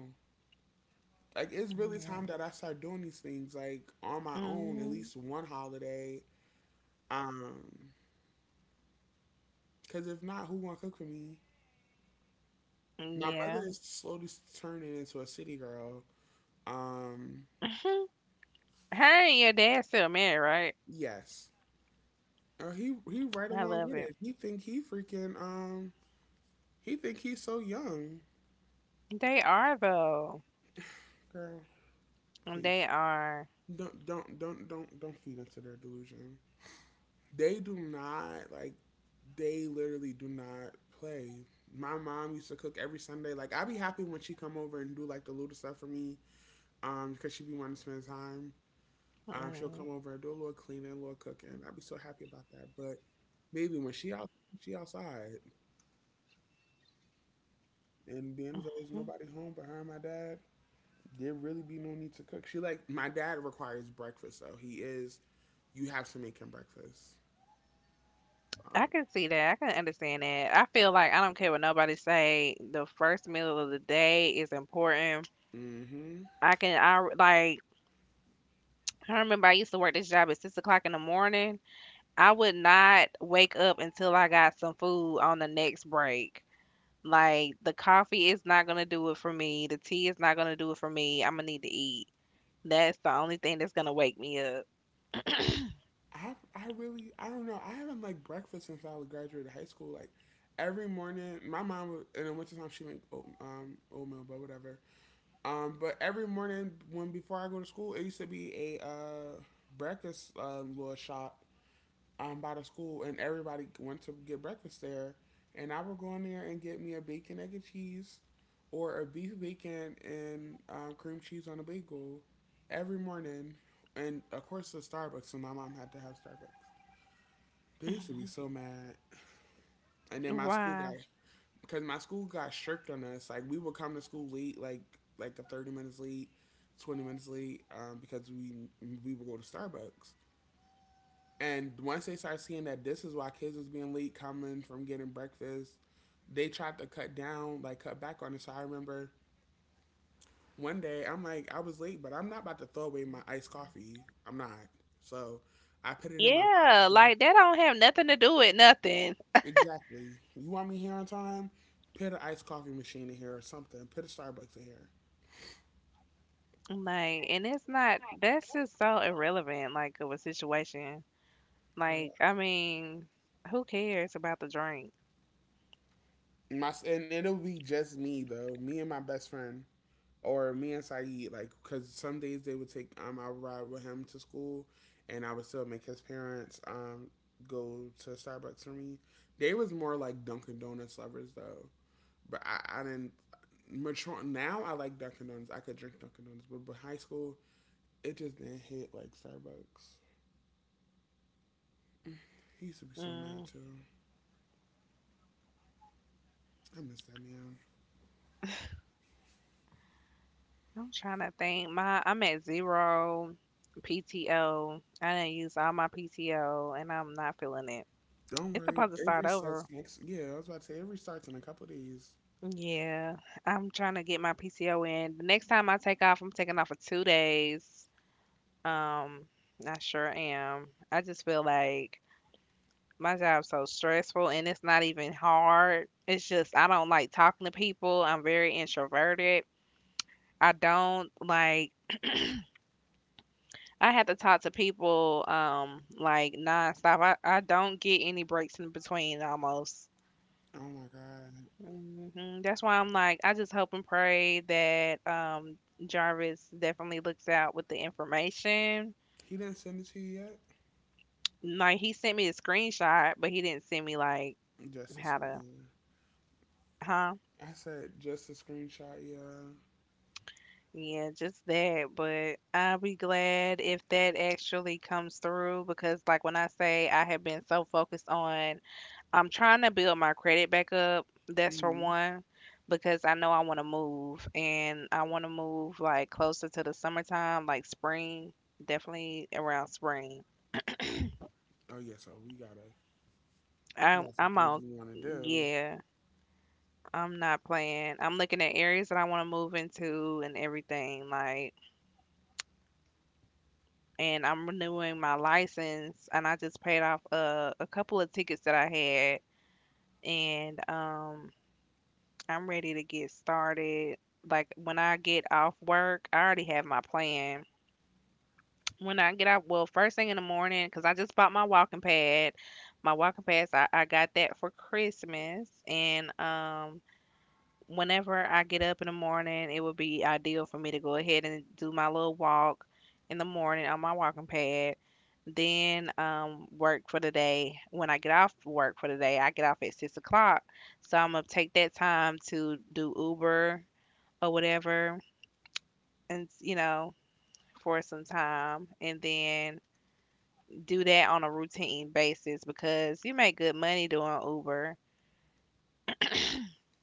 [SPEAKER 1] Like, it's really
[SPEAKER 2] Yeah.
[SPEAKER 1] time that I start doing these things like on my own, at
[SPEAKER 2] Mhm.
[SPEAKER 1] least one holiday. Um, because if not, who gonna cook for me? My mother
[SPEAKER 2] Yeah.
[SPEAKER 1] is slowly turning into a city girl. Um,
[SPEAKER 2] Her and your dad still married, right?
[SPEAKER 1] yes. He right
[SPEAKER 2] I
[SPEAKER 1] along
[SPEAKER 2] love
[SPEAKER 1] with
[SPEAKER 2] it.
[SPEAKER 1] it. He think he freaking he think he's so young.
[SPEAKER 2] They are though.
[SPEAKER 1] Girl,
[SPEAKER 2] Mm, they
[SPEAKER 1] please
[SPEAKER 2] are.
[SPEAKER 1] don't feed into their delusion. They do not like they literally do not play. My mom used to cook every Sunday. Like, I'd be happy when she come over and do like the little stuff for me, because she be wanting to spend time. She'll
[SPEAKER 2] Mm.
[SPEAKER 1] come over and do a little cleaning, a little cooking. I'd be so happy about that. But maybe when she out, she outside, and being as though there's nobody home but her and my dad, there really be no need to cook. She like my dad requires breakfast though. He is you have to make him breakfast. Um,
[SPEAKER 2] I can see that. I can understand that. I feel like I don't care what nobody say. The first meal of the day is important.
[SPEAKER 1] hmm.
[SPEAKER 2] I can. I like. I remember I used to work this job at 6 o'clock in the morning. I would not wake up until I got some food on the next break. Like the coffee is not gonna do it for me. The tea is not gonna do it for me. I'm gonna need to eat. That's the only thing that's gonna wake me up.
[SPEAKER 1] I really I don't know. I haven't like breakfast since I graduated high school. Like, every morning my mom would, in the wintertime she make oat, um, oatmeal, but whatever. But every morning when before I go to school, it used to be a breakfast little shop by the school, and everybody went to get breakfast there. And I would go in there and get me a bacon, egg, and cheese, or a beef bacon and cream cheese on a bagel every morning. And of course, the Starbucks. So my mom had to have Starbucks. They used to be so mad. And then my school got
[SPEAKER 2] Why?
[SPEAKER 1] because my school got shirked on us. Like, we would come to school late, like a 30 minutes late, 20 minutes late, because we would go to Starbucks. And once they start seeing that this is why kids was being late coming from getting breakfast, they tried to cut down, like cut back on it. So I remember one day I'm like, I was late, but I'm not about to throw away my iced coffee. I'm not. So I put it in my
[SPEAKER 2] Yeah,
[SPEAKER 1] pocket.
[SPEAKER 2] like that don't have nothing to do with nothing.
[SPEAKER 1] Exactly. You want me here on time? Put an iced coffee machine in here or something. Put a Starbucks in here.
[SPEAKER 2] Like, and it's not, that's just so irrelevant, like, of a situation. Like,
[SPEAKER 1] Girl.
[SPEAKER 2] I mean, who cares about the drink?
[SPEAKER 1] My and it'll be just me though. Me and my best friend. Or me and Saeed, like, because some days they would take, I would ride with him to school, and I would still make his parents, go to Starbucks for me. They was more like Dunkin' Donuts lovers though, but I didn't. Mature now, I like Dunkin' Donuts. I could drink Dunkin' Donuts, but high school, it just didn't hit like Starbucks. He used to be so mad
[SPEAKER 2] Mm,
[SPEAKER 1] too. I miss that man.
[SPEAKER 2] I'm trying to think. My, I'm at zero PTO. I didn't use all my PTO and I'm not feeling it.
[SPEAKER 1] Don't
[SPEAKER 2] It's
[SPEAKER 1] worry,
[SPEAKER 2] supposed to
[SPEAKER 1] it
[SPEAKER 2] start
[SPEAKER 1] restarts
[SPEAKER 2] over.
[SPEAKER 1] next. Yeah, I was about to say it restarts in a couple of days.
[SPEAKER 2] Yeah, I'm trying to get my PTO in. The next time I take off, I'm taking off for two days. Um, I sure am. I just feel like my job's so stressful and it's not even hard. It's just I don't like talking to people. I'm very introverted. I don't like, I have to talk to people like nonstop. I don't get any breaks in between almost.
[SPEAKER 1] Oh my god,
[SPEAKER 2] Hmm. That's why I'm like I just hope and pray that Jarvis definitely looks out with the information.
[SPEAKER 1] he didn't send it to you yet.
[SPEAKER 2] Like he sent me a screenshot, but he didn't send me like
[SPEAKER 1] Just a
[SPEAKER 2] how to.
[SPEAKER 1] screen.
[SPEAKER 2] Huh?
[SPEAKER 1] I said just a screenshot. Yeah.
[SPEAKER 2] Yeah, just that, but I'll be glad if that actually comes through because like when I say I have been so focused on, I'm trying to build my credit back up, that's for
[SPEAKER 1] hmm
[SPEAKER 2] one, because I know I want to move and I want to move like closer to the summertime, like spring, definitely around spring.
[SPEAKER 1] Oh yeah. So we gotta we
[SPEAKER 2] I'm
[SPEAKER 1] got some
[SPEAKER 2] I'm
[SPEAKER 1] things
[SPEAKER 2] on.
[SPEAKER 1] we want to do.
[SPEAKER 2] Yeah, I'm not playing. I'm looking at areas that I want to move into and everything, like, and I'm renewing my license, and I just paid off a couple of tickets that I had, and I'm ready to get started. Like when I get off work, I already have my plan. When I get out, well, first thing in the morning, because I just bought my walking pad. My walking pads, I got that for Christmas, and whenever I get up in the morning, it would be ideal for me to go ahead and do my little walk in the morning on my walking pad, then work for the day. When I get off work for the day, I get off at 6 o'clock. So I'm gonna take that time to do Uber or whatever, and you know, for some time, and then do that on a routine basis because you make good money doing Uber.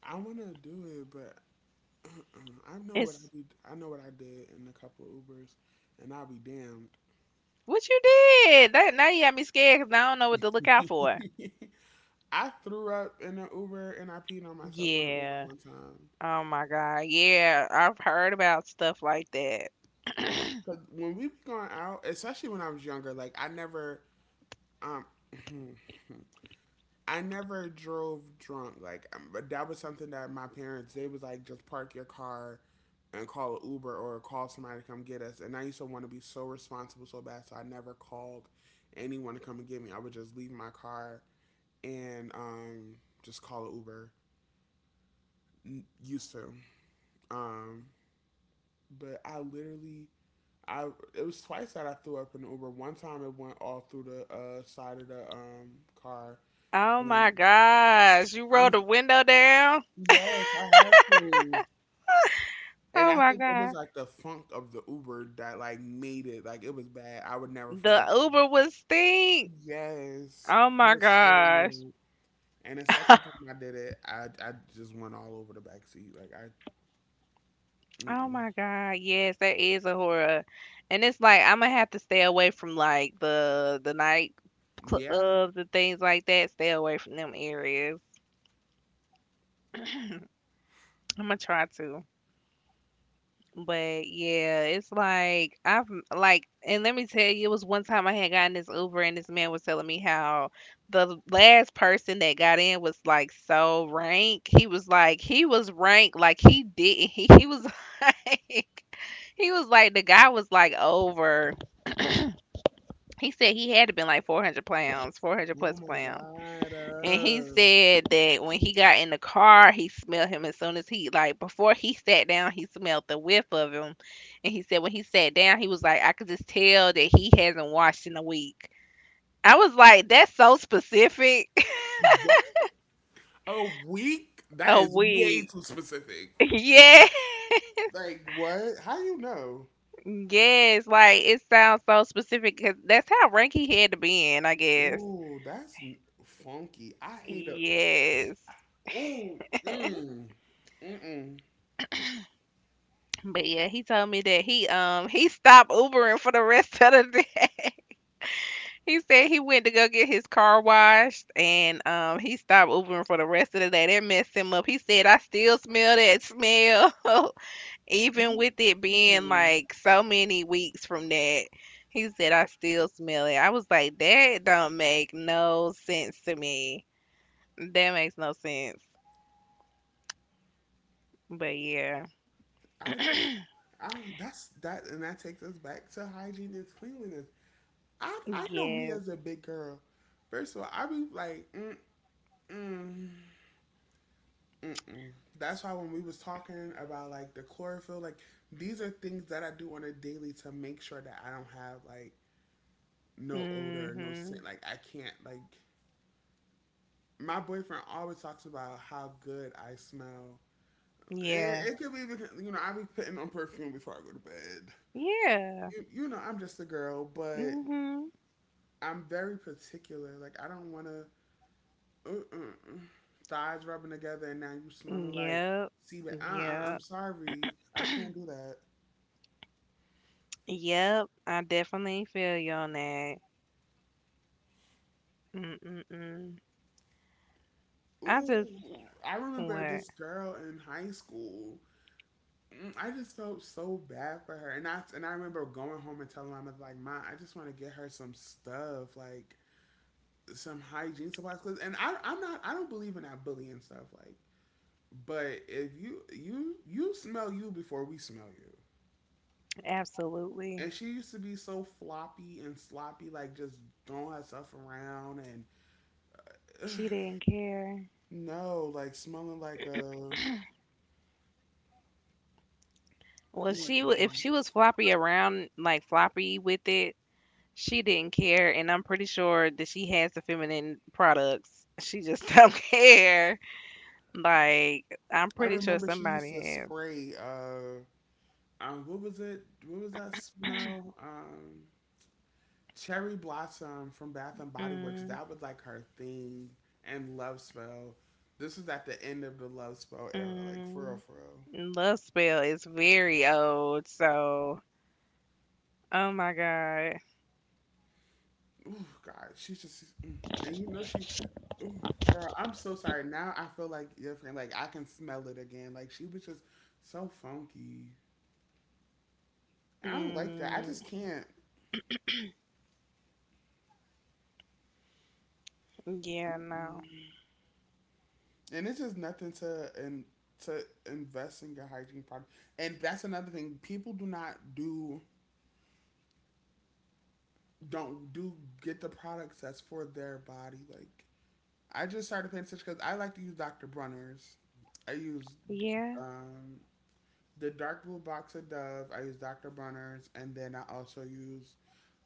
[SPEAKER 1] I want to do it, but I know what I
[SPEAKER 2] It's
[SPEAKER 1] be. I know what I did in a couple of Ubers, and I'll be damned.
[SPEAKER 2] what you did. That now you got me scared because I don't know what to look out for.
[SPEAKER 1] I threw up in an Uber and I peed on myself on an Uber
[SPEAKER 2] Yeah.
[SPEAKER 1] one time.
[SPEAKER 2] Oh my God. Yeah, I've heard about stuff like that.
[SPEAKER 1] Cause when we be going out, especially when I was younger, like I never um I never drove drunk. Like but that was something that my parents, they was like just park your car and call an Uber or call somebody to come get us. And I used to want to be so responsible so bad, so I never called anyone to come and get me. I would just leave my car and just call an Uber. Used to, um, but I literally. I It was twice that I threw up in the Uber. One time it went all through the side of the car,
[SPEAKER 2] Oh my
[SPEAKER 1] and
[SPEAKER 2] gosh. You
[SPEAKER 1] I'm
[SPEAKER 2] rolled the window down?
[SPEAKER 1] yes, I had to. And
[SPEAKER 2] Oh
[SPEAKER 1] I
[SPEAKER 2] my
[SPEAKER 1] think it was
[SPEAKER 2] God.
[SPEAKER 1] like the funk of the Uber that like made it like it was bad. I would never
[SPEAKER 2] The
[SPEAKER 1] forget.
[SPEAKER 2] Uber would stink.
[SPEAKER 1] Yes,
[SPEAKER 2] Oh
[SPEAKER 1] I
[SPEAKER 2] my
[SPEAKER 1] was so
[SPEAKER 2] gosh.
[SPEAKER 1] annoyed. And the second time I did it, I just went all over the back seat.
[SPEAKER 2] Oh
[SPEAKER 1] Mm-mm.
[SPEAKER 2] my God. Yes, that is a horror. And it's like I'm gonna have to stay away from like the night
[SPEAKER 1] Yeah.
[SPEAKER 2] clubs and things like that. Stay away from them areas. I'm gonna try to. But yeah, it's like I've, like, and let me tell you, it was one time I had gotten this Uber, and this man was telling me how the last person that got in was like so rank. He was like, he was rank, like he didn't. He was like, he was like, the guy was like over. He said he had to been like 400 pounds, 400
[SPEAKER 1] Oh
[SPEAKER 2] plus
[SPEAKER 1] my
[SPEAKER 2] pounds,
[SPEAKER 1] god.
[SPEAKER 2] and he said that when he got in the car, he smelled him as soon as he, like, before he sat down, he smelled the whiff of him. And he said when he sat down, he was like, I could just tell that he hasn't washed in a week. I was like, that's so specific.
[SPEAKER 1] What? A week? That
[SPEAKER 2] A
[SPEAKER 1] is way
[SPEAKER 2] week.
[SPEAKER 1] too specific.
[SPEAKER 2] Yeah.
[SPEAKER 1] Like what? How you know?
[SPEAKER 2] Yes, like it sounds so specific because that's how ranky had to be in, I guess.
[SPEAKER 1] Ooh, funky. I hate a.
[SPEAKER 2] Yes.
[SPEAKER 1] Ooh. Mm. Mm.
[SPEAKER 2] But yeah, he told me that he stopped Ubering for the rest of the day. He said he went to go get his car washed and he stopped Ubering for the rest of the day. That messed him up. He said I still smell that smell even with it being
[SPEAKER 1] Mm.
[SPEAKER 2] like so many weeks from that. He said I still smell it. I was like that don't make no sense to me. That makes no sense. But yeah.
[SPEAKER 1] I just, I that's that, and that takes us back to hygiene and cleanliness. I know me
[SPEAKER 2] Yes.
[SPEAKER 1] as a big girl. First of all, I be like, mm mm mm mm. That's why when we was talking about like the chlorophyll, like these are things that I do on a daily to make sure that I don't have like no odor, no scent.
[SPEAKER 2] Mhm.
[SPEAKER 1] Like I can't like My boyfriend always talks about how good I smell.
[SPEAKER 2] Yeah.
[SPEAKER 1] It could be because you know I be putting on perfume before I go to bed.
[SPEAKER 2] Yeah.
[SPEAKER 1] You know I'm just a girl, but
[SPEAKER 2] Mhm.
[SPEAKER 1] I'm very particular. Like I don't want to uh-uh, thighs rubbing together and now you smelling like
[SPEAKER 2] Yep.
[SPEAKER 1] see, but I'm
[SPEAKER 2] Yep.
[SPEAKER 1] sorry, I can't do that.
[SPEAKER 2] Yep, I definitely feel you on that. Mm-mm-mm. I just,
[SPEAKER 1] Ooh, I remember
[SPEAKER 2] what?
[SPEAKER 1] this girl in high school. Mm, I just felt so bad for her, and I remember going home and telling my mother like, "Ma, I just want to get her some stuff like." Some hygiene supplies 'cause- I'm not, I don't believe in that bullying stuff like, but if you smell you before we smell you.
[SPEAKER 2] Absolutely.
[SPEAKER 1] And she used to be so floppy and sloppy, like just throwing herself around and
[SPEAKER 2] She
[SPEAKER 1] ugh,
[SPEAKER 2] didn't care.
[SPEAKER 1] no, like smelling like a.
[SPEAKER 2] Well,
[SPEAKER 1] Mm-mm.
[SPEAKER 2] if she was floppy around, like floppy with it, she didn't care, and I'm pretty sure that she has the feminine products. She just don't care. Like, I'm
[SPEAKER 1] I
[SPEAKER 2] pretty sure
[SPEAKER 1] remember she used
[SPEAKER 2] somebody
[SPEAKER 1] to
[SPEAKER 2] has.
[SPEAKER 1] spray. What was it? What was that smell? Cherry blossom from Bath and Body Works.
[SPEAKER 2] Mm,
[SPEAKER 1] That was like her thing, and love spell. This is at the end of the love spell era, like for real,
[SPEAKER 2] mm.
[SPEAKER 1] for real.
[SPEAKER 2] Love spell is very old, so, oh my god.
[SPEAKER 1] Oh God, she's- mm. And you know she. Oh girl, I'm so sorry. Now I feel like different. Like I can smell it again. Like she was just so funky. I don't like that. I
[SPEAKER 2] Mm.
[SPEAKER 1] just can't.
[SPEAKER 2] Yeah, no.
[SPEAKER 1] Mm-mm. And it's just nothing to and to invest in your hygiene product. And that's another thing. People do not do don't do get the products that's for their body. Like I just started paying attention because I like to use Dr. Bronner's. I use
[SPEAKER 2] Yeah.
[SPEAKER 1] um the dark blue box of Dove. I use Dr. Bronner's, and then I also use,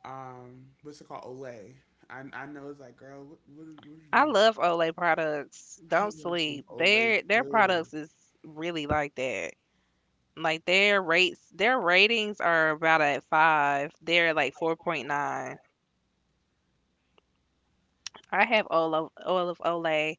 [SPEAKER 1] what's it called, Olay. I know it's like, girl, what are you
[SPEAKER 2] I
[SPEAKER 1] doing?
[SPEAKER 2] love Olay products.
[SPEAKER 1] I
[SPEAKER 2] Don't
[SPEAKER 1] love some
[SPEAKER 2] sleep.
[SPEAKER 1] Olay
[SPEAKER 2] Their
[SPEAKER 1] too.
[SPEAKER 2] products is really like that. Like their rates, their ratings are about at five. They're like 4.9. I have all of Olay.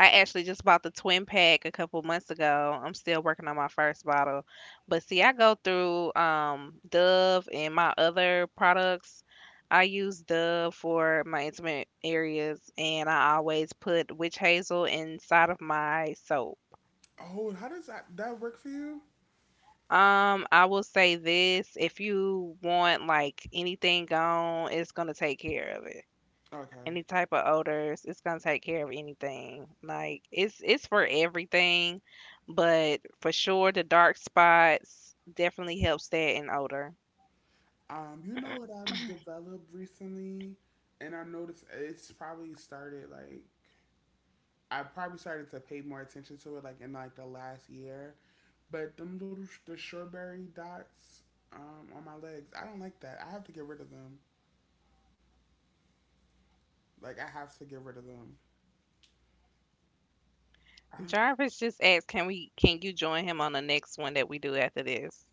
[SPEAKER 2] I actually just bought the twin pack a couple months ago. I'm still working on my first bottle, but see, I go through Dove and my other products. I use Dove for my intimate areas, and I always put witch hazel inside of my soap.
[SPEAKER 1] Oh, how does that work for you?
[SPEAKER 2] I will say this: if you want like anything gone, it's gonna take care of it.
[SPEAKER 1] Okay.
[SPEAKER 2] Any type of odors. It's gonna take care of anything. Like it's for everything, but for sure the dark spots definitely helps that in odor.
[SPEAKER 1] You know what I've developed recently, and I noticed it's probably started like I probably started to pay more attention to it like in like the last year, but the strawberry dots on my legs, I don't like that. I have to get rid of them. Like I have to get rid of them.
[SPEAKER 2] Jarvis just asked, "Can we? Can you join him on the next one that we do after this?"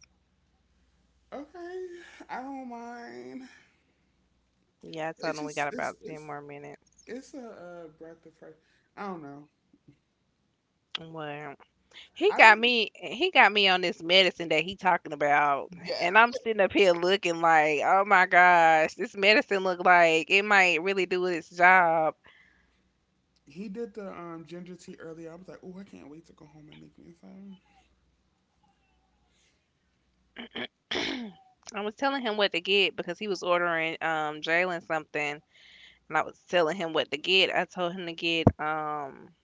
[SPEAKER 1] Okay, I don't mind.
[SPEAKER 2] Yeah, I told
[SPEAKER 1] It's
[SPEAKER 2] him we got
[SPEAKER 1] just
[SPEAKER 2] about ten more minutes.
[SPEAKER 1] it's a, breath of fresh. I don't know.
[SPEAKER 2] Well, he
[SPEAKER 1] I
[SPEAKER 2] got me. He got me on this medicine that he talking about,
[SPEAKER 1] yeah.
[SPEAKER 2] and I'm sitting up here looking like, oh my gosh, this medicine look like it might really do its job.
[SPEAKER 1] He did the ginger tea earlier. I was like, oh, I can't wait to go home and make me some.
[SPEAKER 2] I was telling him what to get because he was ordering Jalen something, and I was telling him what to get. I told him to get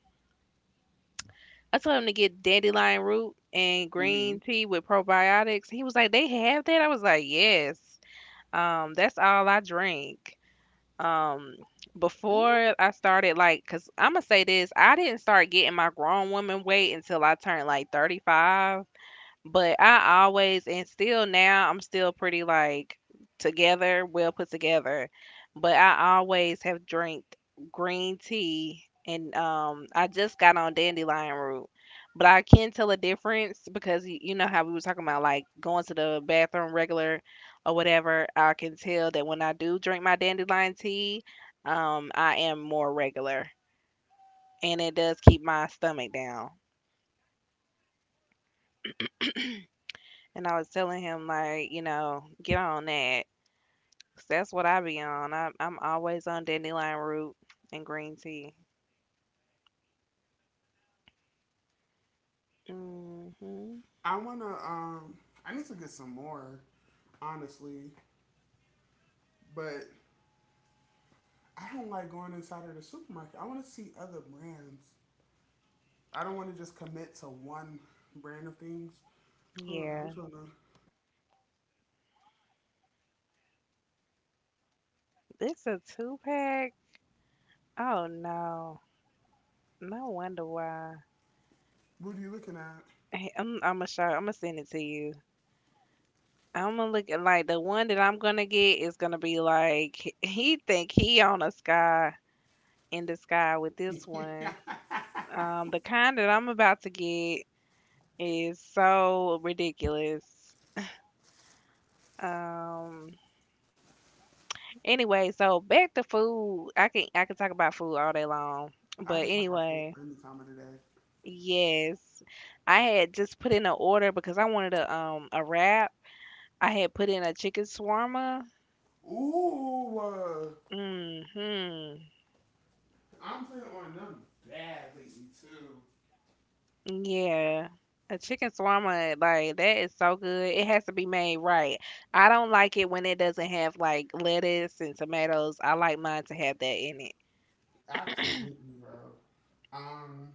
[SPEAKER 2] I told him to get dandelion root and
[SPEAKER 1] Mhm.
[SPEAKER 2] green tea with probiotics. He was like, "They have that?" I was like, "Yes." That's all I drink. Um,
[SPEAKER 1] Ooh.
[SPEAKER 2] before I started like, cause I'm gonna say this, I didn't start getting my grown woman weight until I turned like 35. But I always and still now I'm still pretty like together, well put together. But I always have drank green tea and I just got on dandelion root. But I can tell a difference because you know how we were talking about like going to the bathroom regular or whatever. I can tell that when I do drink my dandelion tea, I am more regular and it does keep my stomach down. And I was telling him like, you know, get on that. 'Cause that's what I be on. I'm always on dandelion root and green tea. Hmm.
[SPEAKER 1] I wanna um I need to get some more, honestly. But I don't like going inside of the supermarket. I want to see other brands. I don't want to just commit to one brand of things. Hold on, I'm
[SPEAKER 2] Yeah.
[SPEAKER 1] trying to.
[SPEAKER 2] It's a two pack. Oh no. No wonder why.
[SPEAKER 1] What are you looking at?
[SPEAKER 2] Hey, I'm gonna show. I'm gonna send it to you. I'm gonna look at like the one that I'm gonna get is gonna be like he think he on a sky in the sky with this one. The kind that I'm about to get is so ridiculous. Um, Anyway, so back to food. I can talk about food all day long.
[SPEAKER 1] I
[SPEAKER 2] But
[SPEAKER 1] can talk about food
[SPEAKER 2] anyway,
[SPEAKER 1] any time of the day.
[SPEAKER 2] yes. I had just put in an order because I wanted a wrap. I had put in a chicken shawarma.
[SPEAKER 1] Ooh,
[SPEAKER 2] Mm-hmm.
[SPEAKER 1] I'm playing on them bad lately too.
[SPEAKER 2] Yeah. A chicken shawarma, like that is so good. It has to be made right. I don't like it when it doesn't have like lettuce and tomatoes. I like mine to have that in it.
[SPEAKER 1] Absolutely, bro. Um,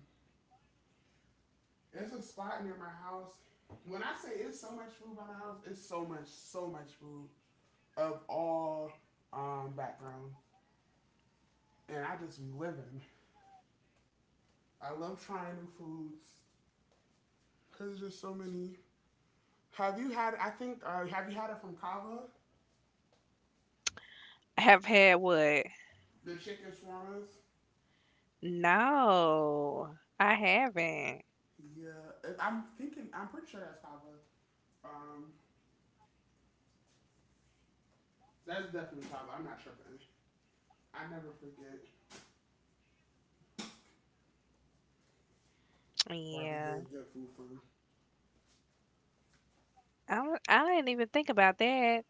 [SPEAKER 1] it's a spot near my house. When I say it's so much food by my house, it's so much, so much food of all backgrounds. And I just be living. I love trying new foods because there's just so many. Have you had? I think have you had it from Kava?
[SPEAKER 2] Have had what?
[SPEAKER 1] The chicken shawarmas.
[SPEAKER 2] No, I haven't.
[SPEAKER 1] Yeah, I'm thinking. I'm pretty sure that's Kava. Um, that's definitely Kava. I'm not tripping. I never forget where I be
[SPEAKER 2] Yeah.
[SPEAKER 1] getting good food from.
[SPEAKER 2] I don't- I didn't even think about that.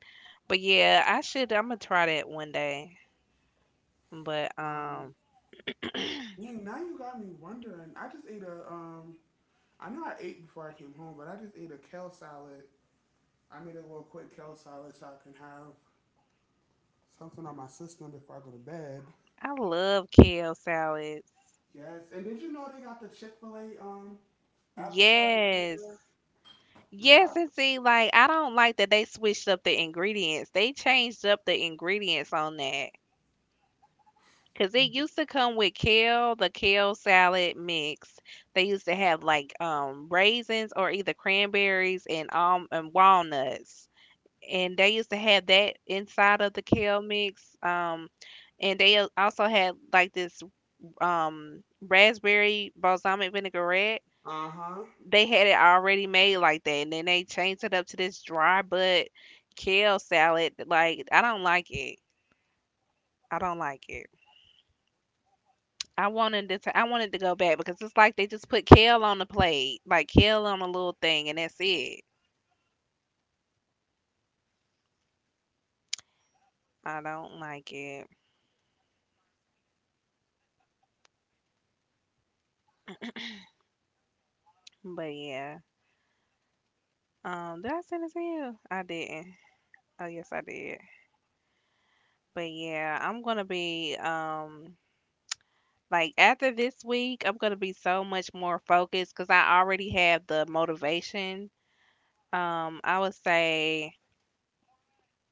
[SPEAKER 2] But yeah, I should. I'm gonna try that one day. But
[SPEAKER 1] Um, dang, now you got me wondering. I just ate a. I know I ate before I came home, but I just ate a kale salad. I made a little quick kale salad so I can have something on my system before I go to bed.
[SPEAKER 2] I love kale salads.
[SPEAKER 1] Yes, and did you know they got the Chick Fil A apple cider
[SPEAKER 2] Yes.
[SPEAKER 1] vinegar?
[SPEAKER 2] Yes,
[SPEAKER 1] Yeah.
[SPEAKER 2] and see, like I don't like that they switched up the ingredients. They changed up the ingredients on that. Cause it used to come with kale, the kale salad mix. They used to have like raisins or either cranberries and walnuts, and they used to have that inside of the kale mix. And they also had like this raspberry balsamic vinaigrette.
[SPEAKER 1] Uh huh.
[SPEAKER 2] They had it already made like that, and then they changed it up to this dry but kale salad. Like I don't like it. I don't like it. I wanted it to. I wanted to go back because it's like they just put kale on the plate, like kale on a little thing, and that's it. I don't like it. But yeah. Did I send it to you? I didn't. Oh yes, I did. But yeah, I'm gonna be like after this week, I'm gonna be so much more focused because I already have the motivation. I would say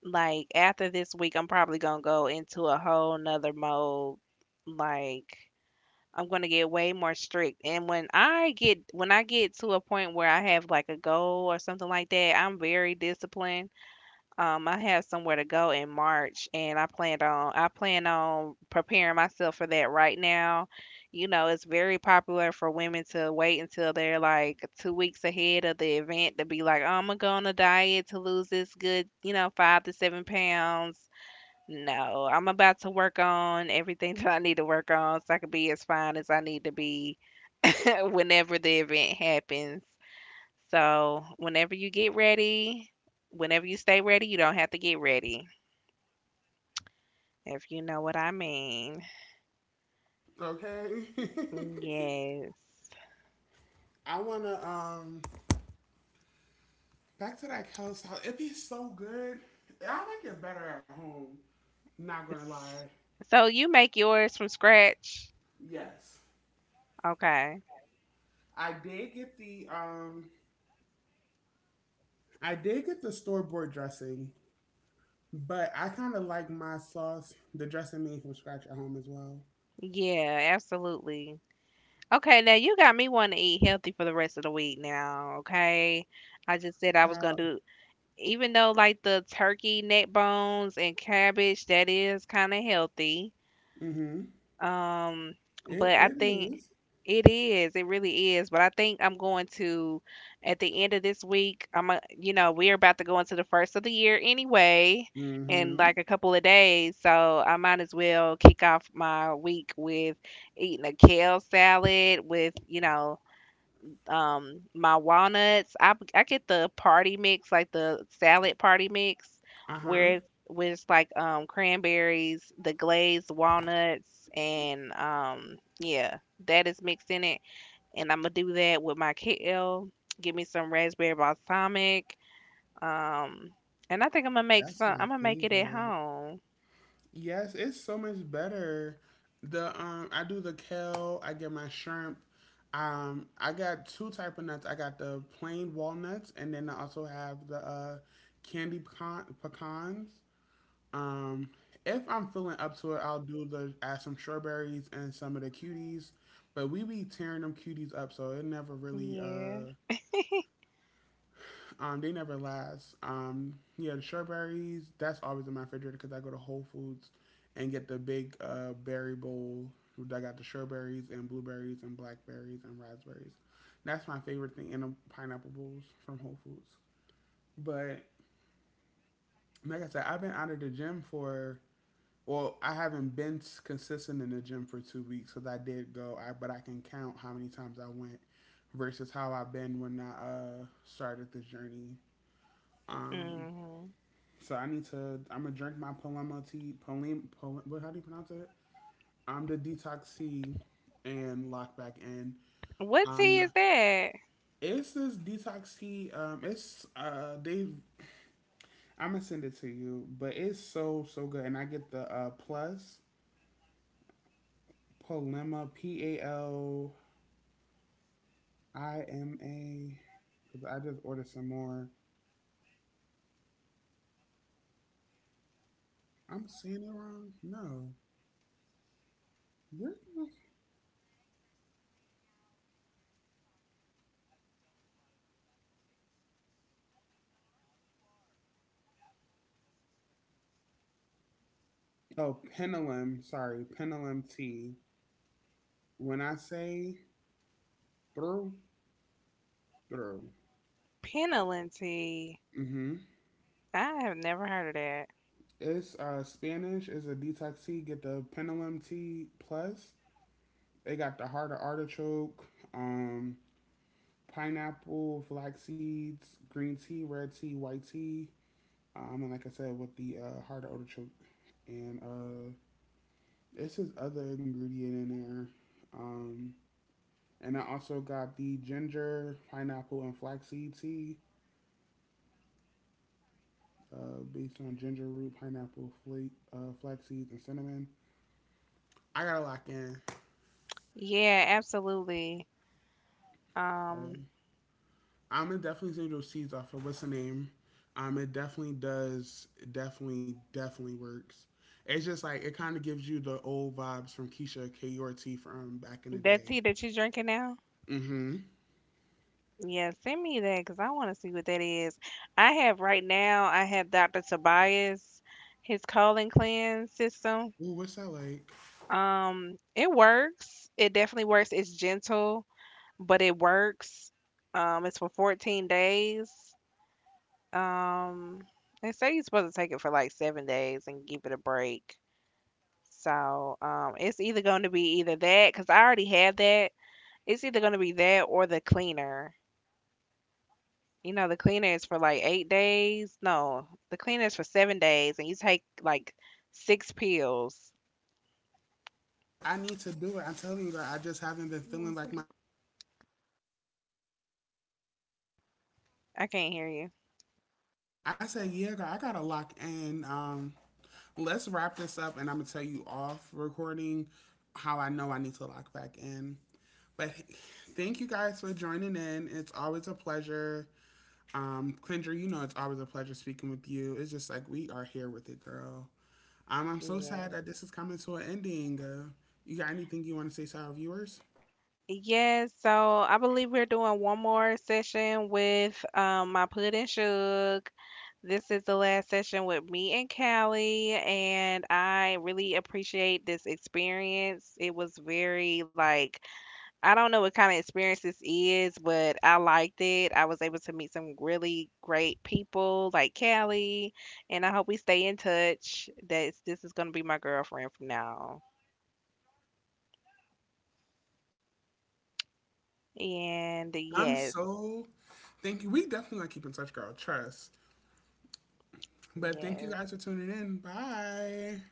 [SPEAKER 2] like after this week, I'm probably gonna go into a whole nother mode. Like, I'm gonna get way more strict. And when I get to a point where I have like a goal or something like that, I'm very disciplined. I have somewhere to go in March, and I plan on preparing myself for that right now. You know, it's very popular for women to wait until they're like 2 weeks ahead of the event to be like, "Oh, I'm gonna go on a diet to lose this good, you know, 5 to 7 pounds." No, I'm about to work on everything that I need to work on so I can be as fine as I need to be whenever the event happens. So, whenever you get ready, whenever you stay ready, you don't have to get ready, if you know what I mean.
[SPEAKER 1] Okay.
[SPEAKER 2] Yes.
[SPEAKER 1] I wanna back to that Kel's house. It'd be so good. I like it better at home. Not gonna
[SPEAKER 2] S-
[SPEAKER 1] lie.
[SPEAKER 2] So, you make yours from scratch?
[SPEAKER 1] Yes,
[SPEAKER 2] Okay.
[SPEAKER 1] I did get the um I did get the store bought dressing, but I kind of like my sauce, the dressing made from scratch at home as well.
[SPEAKER 2] Yeah, absolutely. Okay, now you got me wanting to eat healthy for the rest of the week now, okay? I just said I was gonna
[SPEAKER 1] Child,
[SPEAKER 2] do, even though like the turkey neck bones and cabbage, that is kind of healthy.
[SPEAKER 1] hmm,
[SPEAKER 2] Um,
[SPEAKER 1] It
[SPEAKER 2] but I
[SPEAKER 1] it
[SPEAKER 2] think.
[SPEAKER 1] is.
[SPEAKER 2] It is. It really is. But I think I'm going to, at the end of this week, I'm a, you know, we're about to go into the first of the year anyway, in
[SPEAKER 1] Mm-hmm.
[SPEAKER 2] like a couple of days. So I might as well kick off my week with eating a kale salad with, you know, my walnuts. I get the party mix, like the salad party mix,
[SPEAKER 1] Uh-huh.
[SPEAKER 2] where it's like cranberries, the glazed walnuts, and yeah, that is mixed in it, and I'm gonna do that with my kale. Give me some raspberry balsamic. Um, and I think I'm gonna make
[SPEAKER 1] That's
[SPEAKER 2] some.
[SPEAKER 1] my
[SPEAKER 2] I'm gonna make it at
[SPEAKER 1] favorite.
[SPEAKER 2] home.
[SPEAKER 1] Yes, it's so much better. The I do the kale, I get my shrimp. I got two type of nuts. I got the plain walnuts, and then I also have the candy pecan pecans. Um if I'm feeling up to it, I'll do the add some strawberries and some of the cuties. But we be tearing them cuties up so it never really
[SPEAKER 2] Yeah.
[SPEAKER 1] they never last. Yeah, the strawberries. That's always in my refrigerator because I go to Whole Foods and get the big berry bowl. I got the strawberries and blueberries and blackberries and raspberries. That's my favorite thing, and the pineapple bowls from Whole Foods. But like I said, I've been out of the gym for I haven't been consistent in the gym for 2 weeks because I did go, but I can count how many times I went versus how I've been when I started this journey. Um,
[SPEAKER 2] hmm
[SPEAKER 1] So I need to. I'm gonna drink my Paloma tea. Paloma, Paloma what? How do you pronounce it? I'm the detox tea and lock back in.
[SPEAKER 2] What
[SPEAKER 1] I'm.
[SPEAKER 2] tea
[SPEAKER 1] Not,
[SPEAKER 2] is that?
[SPEAKER 1] it's this detox tea. It's they. I'm gonna send it to you, but it's so so good, and I get the plus Paloma PALIMA because I just ordered some more. I'm saying it wrong. No. Where did I- Oh, Pendulum. Sorry, Pendulum tea. When I say through. True.
[SPEAKER 2] Penelon tea.
[SPEAKER 1] Mm-hmm.
[SPEAKER 2] I have never heard of that.
[SPEAKER 1] It's Spanish. It's a detox tea. Get the Pendulum tea plus. They got the heart of artichoke, um, pineapple, flax seeds, green tea, red tea, white tea. And like I said, with the heart of artichoke, and it's his other ingredient in there. Um, and I also got the ginger, pineapple, and flaxseed tea, based on ginger root, pineapple, flax seeds, and cinnamon. I gotta lock in.
[SPEAKER 2] Yeah, absolutely. Um,
[SPEAKER 1] Um, I'm gonna definitely take those seeds off of what's the name. It definitely does. It definitely, definitely works. It's just like it kind of gives you the old vibes from Keisha KURT from back in the
[SPEAKER 2] that
[SPEAKER 1] day.
[SPEAKER 2] tea that you're drinking now.
[SPEAKER 1] Mm-hmm.
[SPEAKER 2] Yeah, send me that because I want to see what that is. I have right now. I have Dr. Tobias, his colon cleanse system.
[SPEAKER 1] Ooh, what's that like?
[SPEAKER 2] It works. It definitely works. It's gentle, but it works. It's for 14 days. Um, they say you're supposed to take it for like 7 days and give it a break. So, it's either going to be either that, because I already had that. It's either going to be that or the cleaner. You know, the cleaner is for like 8 days. No, the cleaner is for 7 days, and you take like 6 pills.
[SPEAKER 1] I need to do it. I'm telling you, girl. I just haven't been feeling like my.
[SPEAKER 2] I can't hear you.
[SPEAKER 1] I said, yeah, girl. I gotta lock in. Let's wrap this up, and I'm gonna tell you off recording how I know I need to lock back in. But thank you guys for joining in. It's always a pleasure. Kendra, you know it's always a pleasure speaking with you. It's just like we are here with it, girl. I'm so sad
[SPEAKER 2] Yeah.
[SPEAKER 1] that this is coming to an ending. You got anything you want to say to our viewers?
[SPEAKER 2] Yes, so I believe we're doing one more session with my pudding shook. This is the last session with me and Callie, and I really appreciate this experience. It was very like, I don't know what kind of experience this is, but I liked it. I was able to meet some really great people like Callie, and I hope we stay in touch. That's this is gonna be my girlfriend from now. And
[SPEAKER 1] I'm
[SPEAKER 2] yes,
[SPEAKER 1] so thank you. We definitely gonna keep in touch, girl. Trust. But thank you
[SPEAKER 2] yes.
[SPEAKER 1] guys for tuning in. Bye.